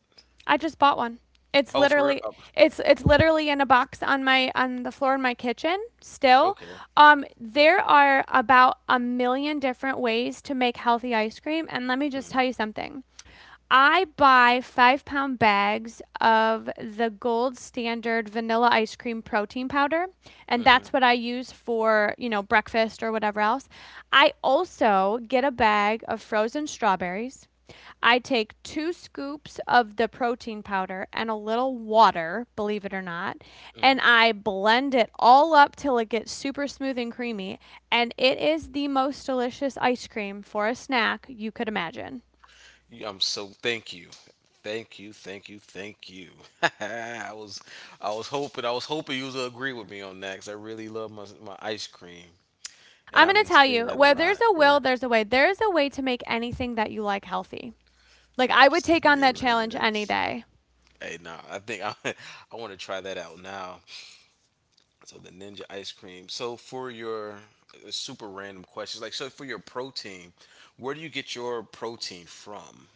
Speaker 1: I just bought one. It's
Speaker 2: Oh, for real?
Speaker 1: literally,
Speaker 2: Oh,
Speaker 1: it's it's literally in a box on my, on the floor in my kitchen still. Um there are about a million different ways to make healthy ice cream, and let me just tell you something. I buy five pound bags of the gold standard vanilla ice cream protein powder, and
Speaker 2: okay.
Speaker 1: that's what I use for, you know, breakfast or whatever else. I also get a bag of frozen strawberries. I take two scoops of the protein powder and a little water, believe it or not, and I blend it all up till it gets super smooth and creamy. And it is the most delicious ice cream for a snack you could imagine.
Speaker 2: Yeah, I'm so thank you. Thank you, thank you, thank you. I was I was hoping I was hoping you would agree with me on that. Cause I really love my my ice cream and
Speaker 1: I'm
Speaker 2: I've
Speaker 1: going to
Speaker 2: been
Speaker 1: tell
Speaker 2: seeing
Speaker 1: you,
Speaker 2: that a
Speaker 1: where there's
Speaker 2: lot.
Speaker 1: a
Speaker 2: Yeah.
Speaker 1: will, there's a way. There's a way to make anything that you like healthy. Like
Speaker 2: I'm
Speaker 1: I would take on
Speaker 2: saying
Speaker 1: that
Speaker 2: like
Speaker 1: challenge any
Speaker 2: this.
Speaker 1: day.
Speaker 2: Hey, nah, I think I I want to try that out now. So the ninja ice cream. So for your uh, super random questions, like so for your protein, where do you get your protein from?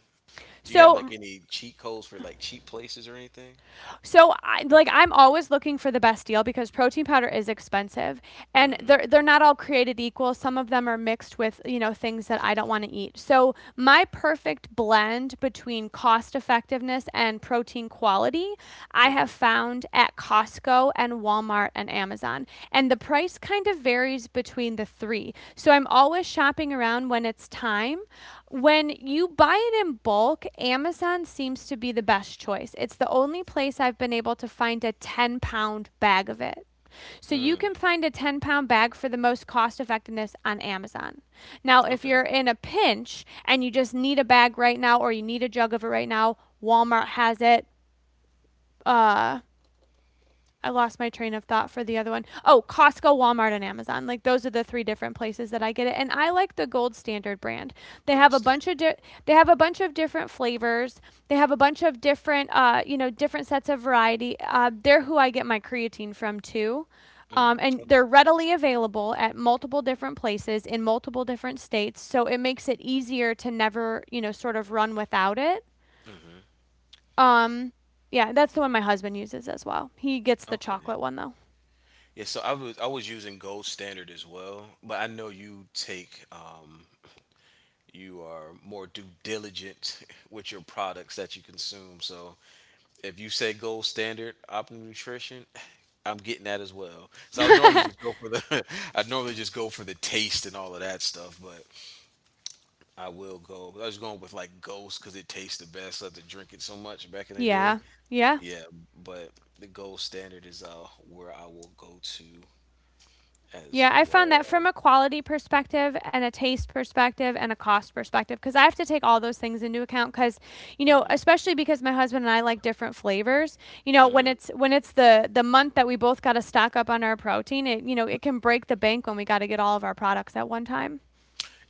Speaker 2: Do you have like
Speaker 1: So
Speaker 2: any cheat codes for like cheap places or anything?
Speaker 1: so I, like I'm always looking for the best deal because protein powder is expensive, and they're they're not all created equal. Some of them are mixed with, you know, things that I don't want to eat. So my perfect blend between cost effectiveness and protein quality I have found at Costco Costco and Walmart and Amazon. And the price kind of varies between the three. So I'm always shopping around when it's time. When you buy it in bulk, Amazon seems to be the best choice. It's the only place I've been able to find a ten pound bag of it. So you can find a ten pound bag for the most cost effectiveness on Amazon. Now, if
Speaker 2: Okay,
Speaker 1: you're in a pinch and you just need a bag right now or you need a jug of it right now, Walmart has it. Uh, I lost my train of thought for the other one. Oh, Costco, Walmart, and Amazon. Like those are the three different places that I get it. And I like the Gold Standard brand. They
Speaker 2: gold
Speaker 1: have a
Speaker 2: standard.
Speaker 1: bunch of di- they have a bunch of different flavors. They have a bunch of different uh, you know, different sets of variety. Uh, they're who I get my creatine from too. Um,
Speaker 2: Mm.
Speaker 1: and they're readily available at multiple different places in multiple different states, so it makes it easier to never, you know, sort of run without it.
Speaker 2: Mhm.
Speaker 1: Um, yeah, that's the one my husband uses as well. He gets the
Speaker 2: Okay.
Speaker 1: chocolate one though.
Speaker 2: Yeah, so I was I was using gold standard as well, but I know you take um you are more due diligent with your products that you consume. So if you say gold standard Optimum nutrition, I'm getting that as well. So I would normally just go for the I would normally just go for the taste and all of that stuff, but I will go. I was going with like Ghost because it tastes the best. I had to drink it so much back in the day.
Speaker 1: Yeah. Yeah.
Speaker 2: Yeah, but the gold standard is uh where I will go to as
Speaker 1: Yeah, I found that
Speaker 2: well.
Speaker 1: from a quality perspective and a taste perspective and a cost perspective, because I have to take all those things into account. Because, you know, especially because my husband and I like different flavors. You know, when it's when it's the the month that we both got to stock up on our protein, it, you know, it can break the bank when we got to get all of our products at one time.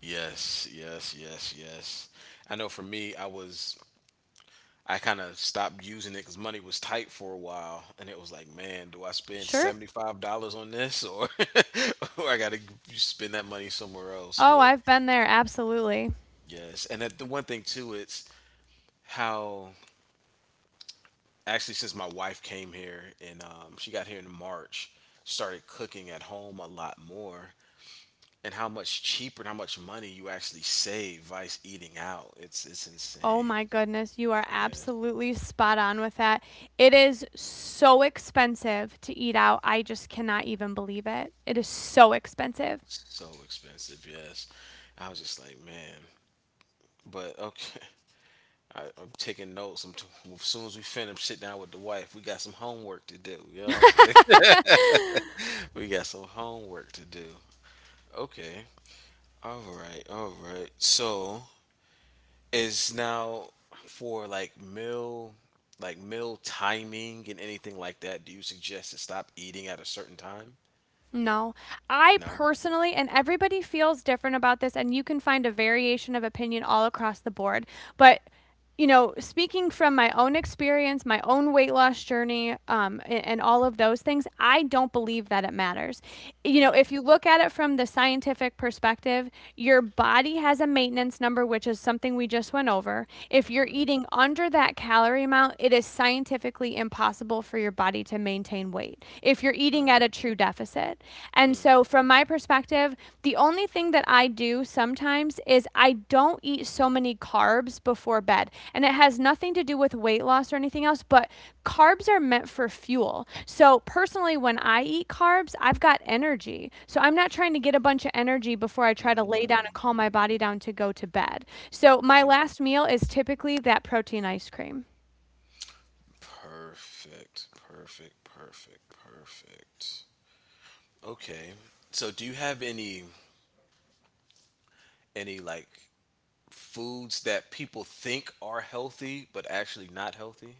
Speaker 2: Yes, yes, yes, yes. I know for me, I was I kind of stopped using it because money was tight for a while, and it was like, man, do I spend
Speaker 1: Sure.
Speaker 2: seventy five dollars on this, or or I gotta spend that money somewhere else?
Speaker 1: Oh,
Speaker 2: But
Speaker 1: I've been there. Absolutely.
Speaker 2: yes, and that, the one thing too, it's how actually since my wife came here and um, she got here in March, started cooking at home a lot more. And how much cheaper and how much money you actually save vice eating out. It's it's
Speaker 1: Oh
Speaker 2: insane.
Speaker 1: my goodness, you are
Speaker 2: Yeah,
Speaker 1: absolutely spot on with that. It is so expensive to eat out. I just cannot even believe it. It is so expensive.
Speaker 2: it's so expensive. Yes, I was just like, man. But okay, I, I'm taking notes. I'm t- as soon as we finish, sit down with the wife. We got some homework to do. You know what I'm saying? We got some homework to do. Okay. All right. All right. So is now for like meal like meal timing and anything like that, do you suggest to stop eating at a certain time?
Speaker 1: No, I
Speaker 2: No.
Speaker 1: personally, and everybody feels different about this, and you can find a variation of opinion all across the board. But you know, speaking from my own experience, my own weight loss journey, um, and, and all of those things, I don't believe that it matters. You know,
Speaker 2: Mm,
Speaker 1: if you look at it from the scientific perspective, your body has a maintenance number, which is something we just went over. If you're
Speaker 2: mhm,
Speaker 1: eating under that calorie amount, it is scientifically impossible for your body to maintain weight if you're eating
Speaker 2: mm,
Speaker 1: at a true deficit. And so
Speaker 2: mm.
Speaker 1: so, from my perspective, the only thing that I do sometimes is I don't eat so many carbs before bed. And it has nothing to do with weight loss or anything else, but carbs are meant for fuel. So, personally, when I eat carbs, I've got energy. So, I'm not trying to get a bunch of energy before I try to lay down and calm my body down to go to bed. So, my last meal is typically that protein ice cream.
Speaker 2: Perfect, perfect, perfect, perfect. Okay. So do you have any any like foods that people think are healthy but actually not healthy?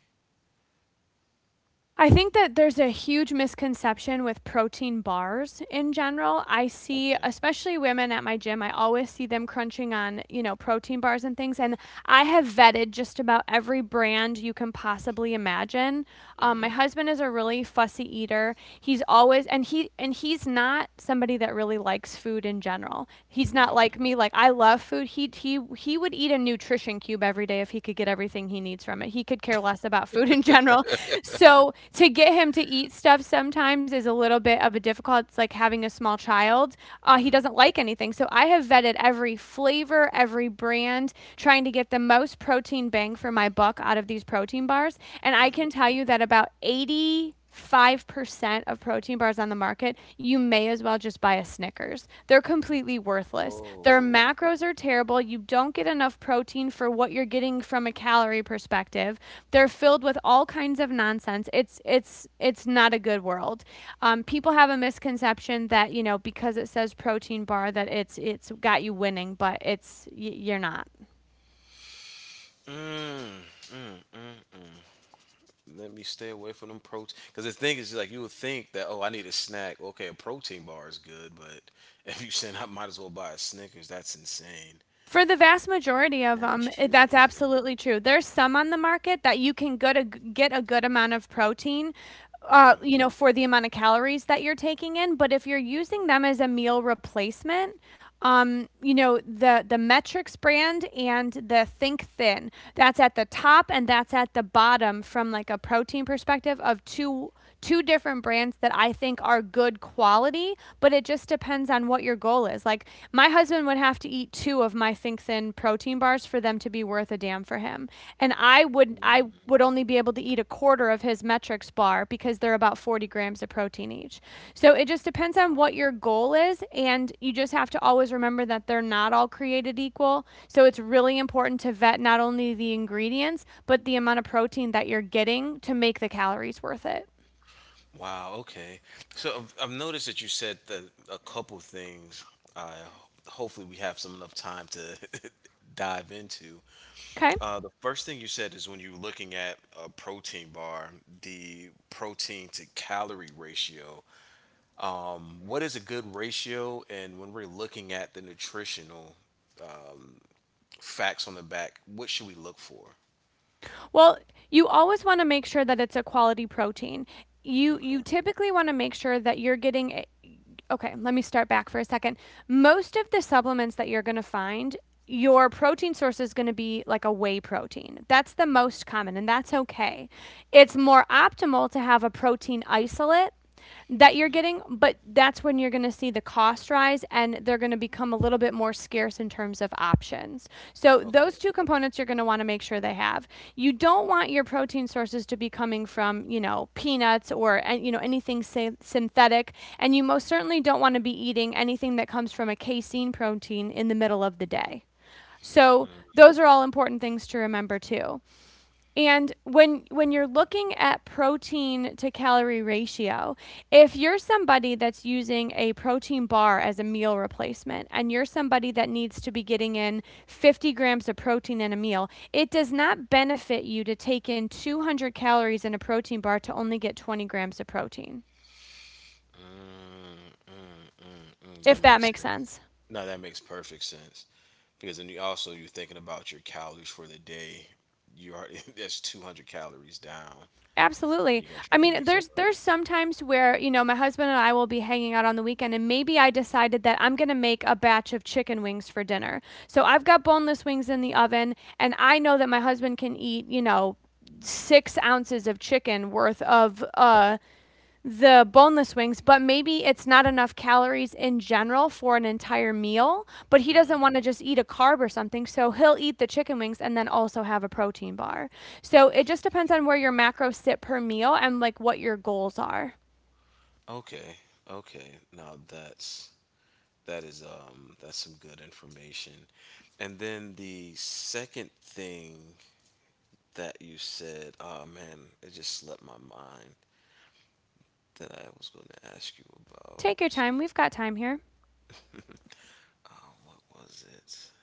Speaker 1: I think that there's a huge misconception with protein bars in general. I see,
Speaker 2: Okay.
Speaker 1: especially women at my gym, I always see them crunching on, you know, protein bars and things. And I have vetted just about every brand you can possibly imagine. Um, my husband is a really fussy eater. He's always and he and he's not somebody that really likes food in general. He's not
Speaker 2: Mm,
Speaker 1: like me. Like I love food. He he he would eat a nutrition cube every day if he could get everything he needs from it. He could care less about food in general. So to get him to eat stuff sometimes is a little bit of a difficult. It's like having a small child. Uh, he
Speaker 2: mm,
Speaker 1: doesn't like anything. So I have vetted every flavor, every brand, trying to get the most protein bang for my buck buck out of these protein bars. And I
Speaker 2: mm.
Speaker 1: can tell you that about eighty-five percent of protein bars on the market, you may as well just buy a Snickers. They're completely worthless. Their
Speaker 2: Whoa.
Speaker 1: macros are terrible. You don't get enough protein for what you're getting from a calorie perspective. They're filled with all kinds of nonsense. It's it's it's not a good world. Um, people have a misconception that, you know, because it says protein bar that it's it's got you winning, but it's you're not.
Speaker 2: Mm. Let me stay away from them protein. Because the thing is, like, you would think that, oh, I need a snack. Okay, a protein bar is good, but if you said I might as well buy a Snickers, that's insane.
Speaker 1: For the vast majority of
Speaker 2: That is
Speaker 1: them,
Speaker 2: truly
Speaker 1: that's
Speaker 2: insane.
Speaker 1: absolutely true. There's some on the market that you can get a g- get a good amount of protein, uh, you know, for the amount of calories that you're taking in. But if you're using them as a meal replacement, um, you know, the the metrics brand and the think thin, that's at the top and that's at the bottom, from like a protein perspective. Of two two different brands that I think are good quality, but it just depends on what your goal is. Like, my husband would have to eat two of my think thin protein bars for them to be worth a damn for him him and i would i would only be able to eat a quarter of his metrics bar because they're about forty grams of protein each. So it just depends on what your goal is, and you just have to always remember that they're not all created equal. So it's really important to vet not only the ingredients but the amount of protein that you're getting to make the calories worth it.
Speaker 2: Wow, okay. So I've, I've noticed that you said that a couple things. I Hopefully we have some enough time to dive into.
Speaker 1: Okay.
Speaker 2: Uh, the first thing you said is when you're looking at a protein bar, the protein to calorie ratio. What is a good ratio? And when we're looking at the nutritional facts on the back, what should we look for?
Speaker 1: Well, you always want to make sure that it's a quality protein. You
Speaker 2: Okay.
Speaker 1: you typically want to make sure that you're getting a, okay, let me start back for a second. Most of the supplements that you're going to find, your protein source is going to be like a whey protein. That's the most common, and that's okay. It's more optimal to have a protein isolate that you're getting, but that's when you're going to see the cost rise and they're going to become a little bit more scarce in terms of options. So,
Speaker 2: Okay.
Speaker 1: those two components you're going to want to make sure they have. You don't want your protein sources to be coming from, you know, peanuts or, uh, you know, anything synthetic. And you most certainly don't want to be eating anything that comes from a casein protein in the middle of the day. So, those are all important things to remember too. And when when you're looking at protein to calorie ratio, if you're somebody that's using a protein bar as a meal replacement and you're somebody that needs to be getting in fifty grams of protein in a meal, it does not benefit you to take in two hundred calories in a protein bar to only get twenty grams of protein.
Speaker 2: Mm, that
Speaker 1: If that
Speaker 2: makes
Speaker 1: makes
Speaker 2: sense.
Speaker 1: sense.
Speaker 2: No, that makes perfect sense because then you also you're thinking about your calories for the day. You are that's two hundred calories down.
Speaker 1: Absolutely.
Speaker 2: You gotta
Speaker 1: I
Speaker 2: try to
Speaker 1: mean,
Speaker 2: make some
Speaker 1: there's
Speaker 2: of
Speaker 1: there's sometimes where, you know, my husband and I will be hanging out on the weekend and maybe I decided that I'm going to make a batch of chicken wings for dinner. So I've got boneless wings in the oven and I know that my husband can eat, you know, six ounces of chicken worth of uh the boneless wings, but maybe it's not enough calories in general for an entire meal, but he
Speaker 2: those.
Speaker 1: doesn't
Speaker 2: Mhm.
Speaker 1: want to just eat a carb or something. So he'll eat the chicken wings and then also have a protein bar. So it just depends on where your macros sit per meal and like what your goals are.
Speaker 2: Okay, okay. Now that's that is um that's some good information. And then the second thing that you said, oh man, it just slipped my mind that I was going to ask you
Speaker 1: Take your
Speaker 2: about.
Speaker 1: time. We've got time here.
Speaker 2: What was it?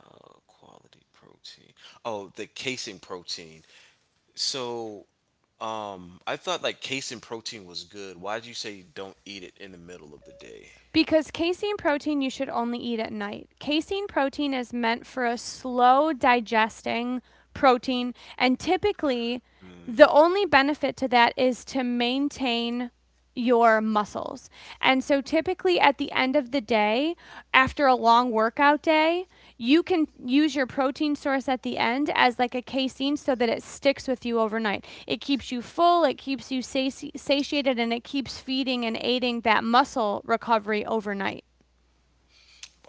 Speaker 2: Uh, Quality protein. Oh, the casein protein. So, um, I thought like casein protein was good. Why did you say don't eat it in the middle of the day?
Speaker 1: Because casein protein you should only eat at night. Casein protein is meant for a slow digesting protein, and typically the only benefit to that is to maintain your muscles. And so typically at the end of the day, after a long workout day, you can use your protein source at the end as like a casein so that it sticks with you overnight. It keeps you full, it keeps you sati- satiated, and it keeps feeding and aiding that muscle recovery overnight.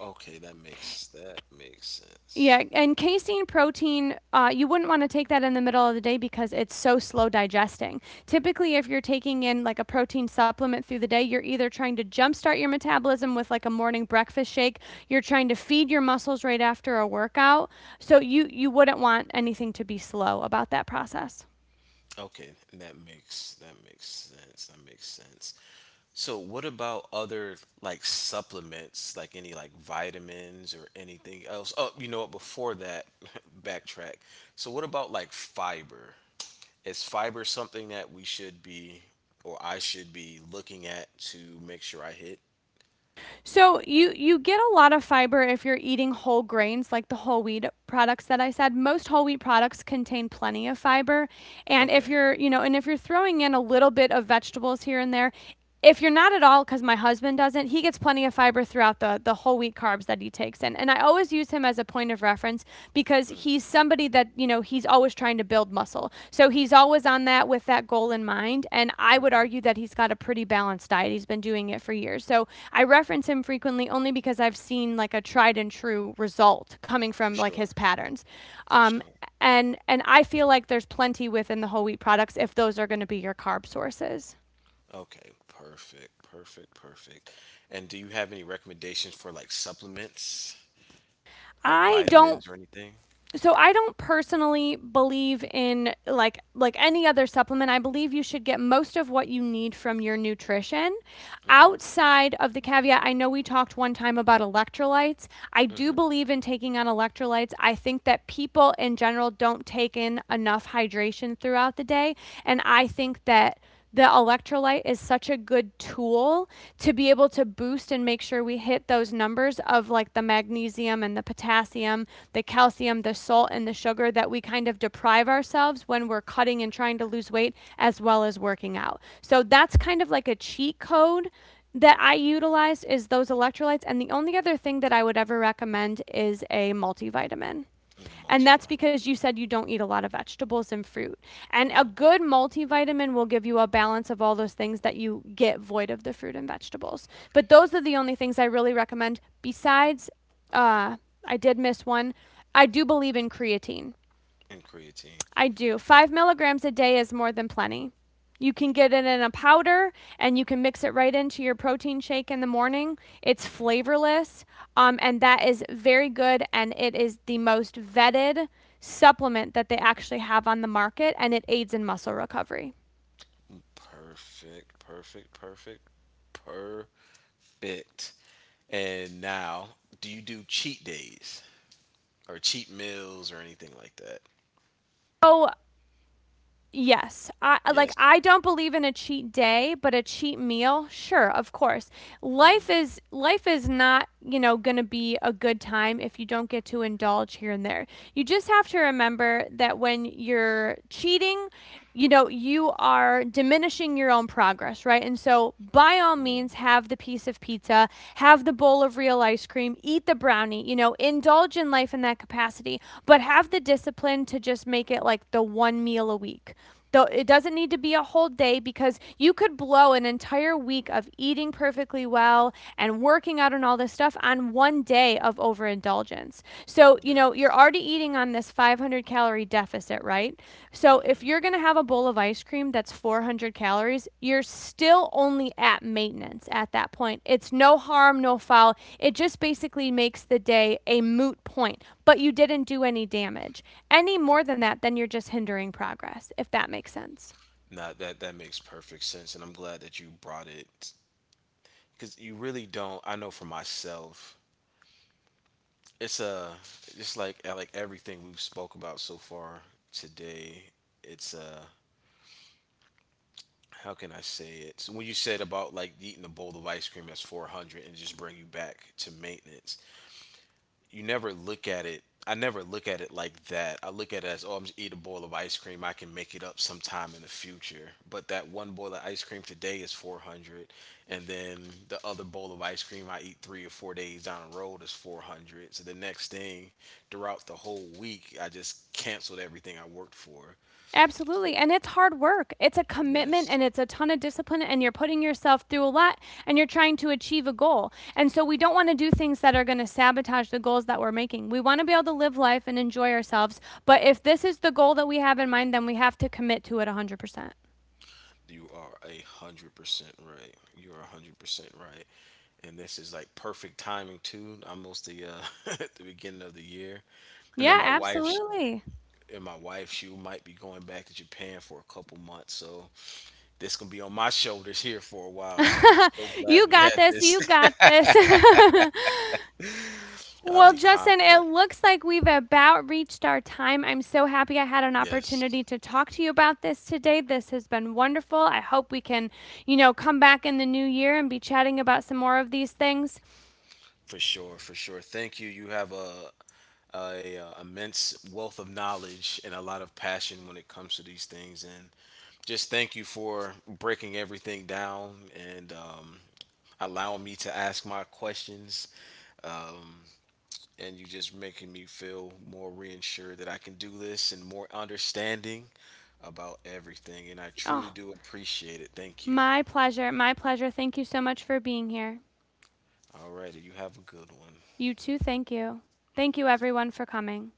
Speaker 2: Okay, that makes that makes sense.
Speaker 1: Yeah, and casein protein, uh, you wouldn't want to take that in the middle of the day because it's so slow digesting. Typically, if you're taking in like a protein supplement through the day, you're either trying to jumpstart your metabolism with like a morning breakfast shake, you're trying to feed your muscles right after a workout. So you you wouldn't want anything to be slow about that process.
Speaker 2: Okay, that makes that makes sense. That makes sense. So, what about other like supplements, like any like vitamins or anything else? Oh, you know what? Before that, backtrack. So, what about like fiber? Is fiber something that we should be, or I should be looking at to make sure I hit?
Speaker 1: So you you get a lot of fiber if you're eating whole grains like the whole wheat products that I said. Most whole wheat products contain plenty of fiber. And if
Speaker 2: Okay.
Speaker 1: you're, you know, and if you're throwing in a little bit of vegetables here and there, if you're not at all, because my husband doesn't, he gets plenty of fiber throughout the the whole wheat carbs that he takes in. And I always use him as a point of reference because he's somebody that, you know, he's always trying to build muscle, so he's always on that with that goal in mind. And I would
Speaker 2: Hmm.
Speaker 1: argue that he's got a pretty balanced diet. He's been doing it for years, so I reference him frequently only because I've seen like a tried and true result coming from
Speaker 2: For
Speaker 1: like his
Speaker 2: sure,
Speaker 1: patterns.
Speaker 2: for
Speaker 1: um,
Speaker 2: sure.
Speaker 1: and and I feel like there's plenty within the whole wheat products if those are going to be your carb sources.
Speaker 2: Okay, perfect, perfect, perfect. And do you have any recommendations for like supplements? Like
Speaker 1: I don't,
Speaker 2: vitamins or anything?
Speaker 1: so I don't personally believe in like like any other supplement. I believe you should get most of what you need from your nutrition. Outside of the caveat, I know we talked one time about electrolytes. I do
Speaker 2: Mm-hmm.
Speaker 1: believe in taking on electrolytes. I think that people in general don't take in enough hydration throughout the day, and I think that the electrolyte is such a good tool to be able to boost and make sure we hit those numbers of like the magnesium and the potassium, the calcium, the salt, and the sugar that we kind of deprive ourselves when we're cutting and trying to lose weight as well as working out. So that's kind of like a cheat code that I utilize is those electrolytes. And the only other thing that I would ever recommend is a multivitamin.
Speaker 2: And the
Speaker 1: And that's
Speaker 2: multivitamin.
Speaker 1: because you said you don't eat a lot of vegetables and fruit. And a
Speaker 2: Mm-hmm.
Speaker 1: good multivitamin will give you a balance of all those things that you get void of the fruit and vegetables. But those are the only things I really recommend. Besides, uh, I did miss one. I do believe in creatine.
Speaker 2: And creatine.
Speaker 1: I do. Five milligrams a day is more than plenty. You can get it in a powder and you can mix it right into your protein shake in the morning. It's
Speaker 2: Mm-hmm.
Speaker 1: flavorless, um, and that is very good. And it is the most vetted supplement that they actually have on the market, and it aids in muscle recovery.
Speaker 2: Perfect, perfect, perfect, perfect. And now, do you do cheat days or cheat meals or anything like that?
Speaker 1: So, yes, I, like
Speaker 2: Yes.
Speaker 1: I don't believe in a cheat day, but a cheat meal, sure, of course. Life is life is not, you know, going to be a good time if you don't get to indulge here and there. You just have to remember that when you're cheating, you know, you are diminishing your own progress, right? And so, by all means,
Speaker 2: Mm.
Speaker 1: have the piece of pizza, have the bowl of real ice cream, eat the brownie, you know, indulge in life in that capacity, but have the discipline to just make it like the one meal a week. Though it doesn't need to be a whole day because you could blow an entire week of eating perfectly well and working out and all this stuff on one day of overindulgence. So, you know, you're
Speaker 2: Yes.
Speaker 1: already eating on this five hundred calorie deficit, right? So if you're going to have a bowl of ice cream that's four hundred calories, you're still only at maintenance at that point. It's no harm, no foul. It just basically makes the day a moot point, but you didn't do any damage. Any more than that, then you're just hindering progress, if that makes sense.
Speaker 2: Now that that makes perfect sense, and I'm glad that you brought it because you really don't. I know for myself, it's a just like like everything we've spoke about so far today. It's a How can I say it? So when you said about like eating a bowl of ice cream that's four hundred and just bring you back to maintenance, you never look at it. I never look at it like that. I look at it as, oh, I'm just eat a bowl of ice cream. I can make it up sometime in the future. But that one bowl of ice cream today is four hundred, and then the other bowl of ice cream I eat three or four days down the road is four hundred. So the next thing, throughout the whole week, I just canceled everything I worked for. So
Speaker 1: Absolutely. And it's hard work. It's a commitment
Speaker 2: yes,
Speaker 1: and it's a ton of discipline, and you're putting yourself through a lot and you're trying to achieve a goal. And so, we don't want to do things that are going to sabotage the goals that we're making. We want to be able to live life and enjoy ourselves. But if this is the goal that we have in mind, then we have to commit to it one hundred percent.
Speaker 2: you are a hundred percent right. You are a hundred percent right. And this is like perfect timing too. Almost the uh, at the beginning of the year, and then
Speaker 1: Yeah,
Speaker 2: my wife
Speaker 1: absolutely.
Speaker 2: and my wife she might be going back to Japan for a couple months. So this gonna be on my shoulders here for a while. So I'm so
Speaker 1: You
Speaker 2: glad we
Speaker 1: got
Speaker 2: had
Speaker 1: this.
Speaker 2: this.
Speaker 1: You got this.
Speaker 2: I'll
Speaker 1: Well,
Speaker 2: be
Speaker 1: Justin, it
Speaker 2: confident.
Speaker 1: looks like we've about reached our time. I'm so happy I had an
Speaker 2: Yes,
Speaker 1: opportunity to talk to you about this today. This has been wonderful. I hope we can, you know, come back in the new year and be chatting about some more of these things.
Speaker 2: for sure, for sure. Thank you. You have a a uh, immense wealth of knowledge and a lot of passion when it comes to these things, and just thank you for breaking everything down and um, allowing me to ask my questions. Um, and you just making me feel more reassured that I can do this and more understanding about everything. And I truly
Speaker 1: Oh,
Speaker 2: do appreciate it. Thank you.
Speaker 1: my pleasure. My pleasure. Thank you so much for being here.
Speaker 2: All righty. You have a good one.
Speaker 1: You too, thank you. Thank you, everyone, for coming.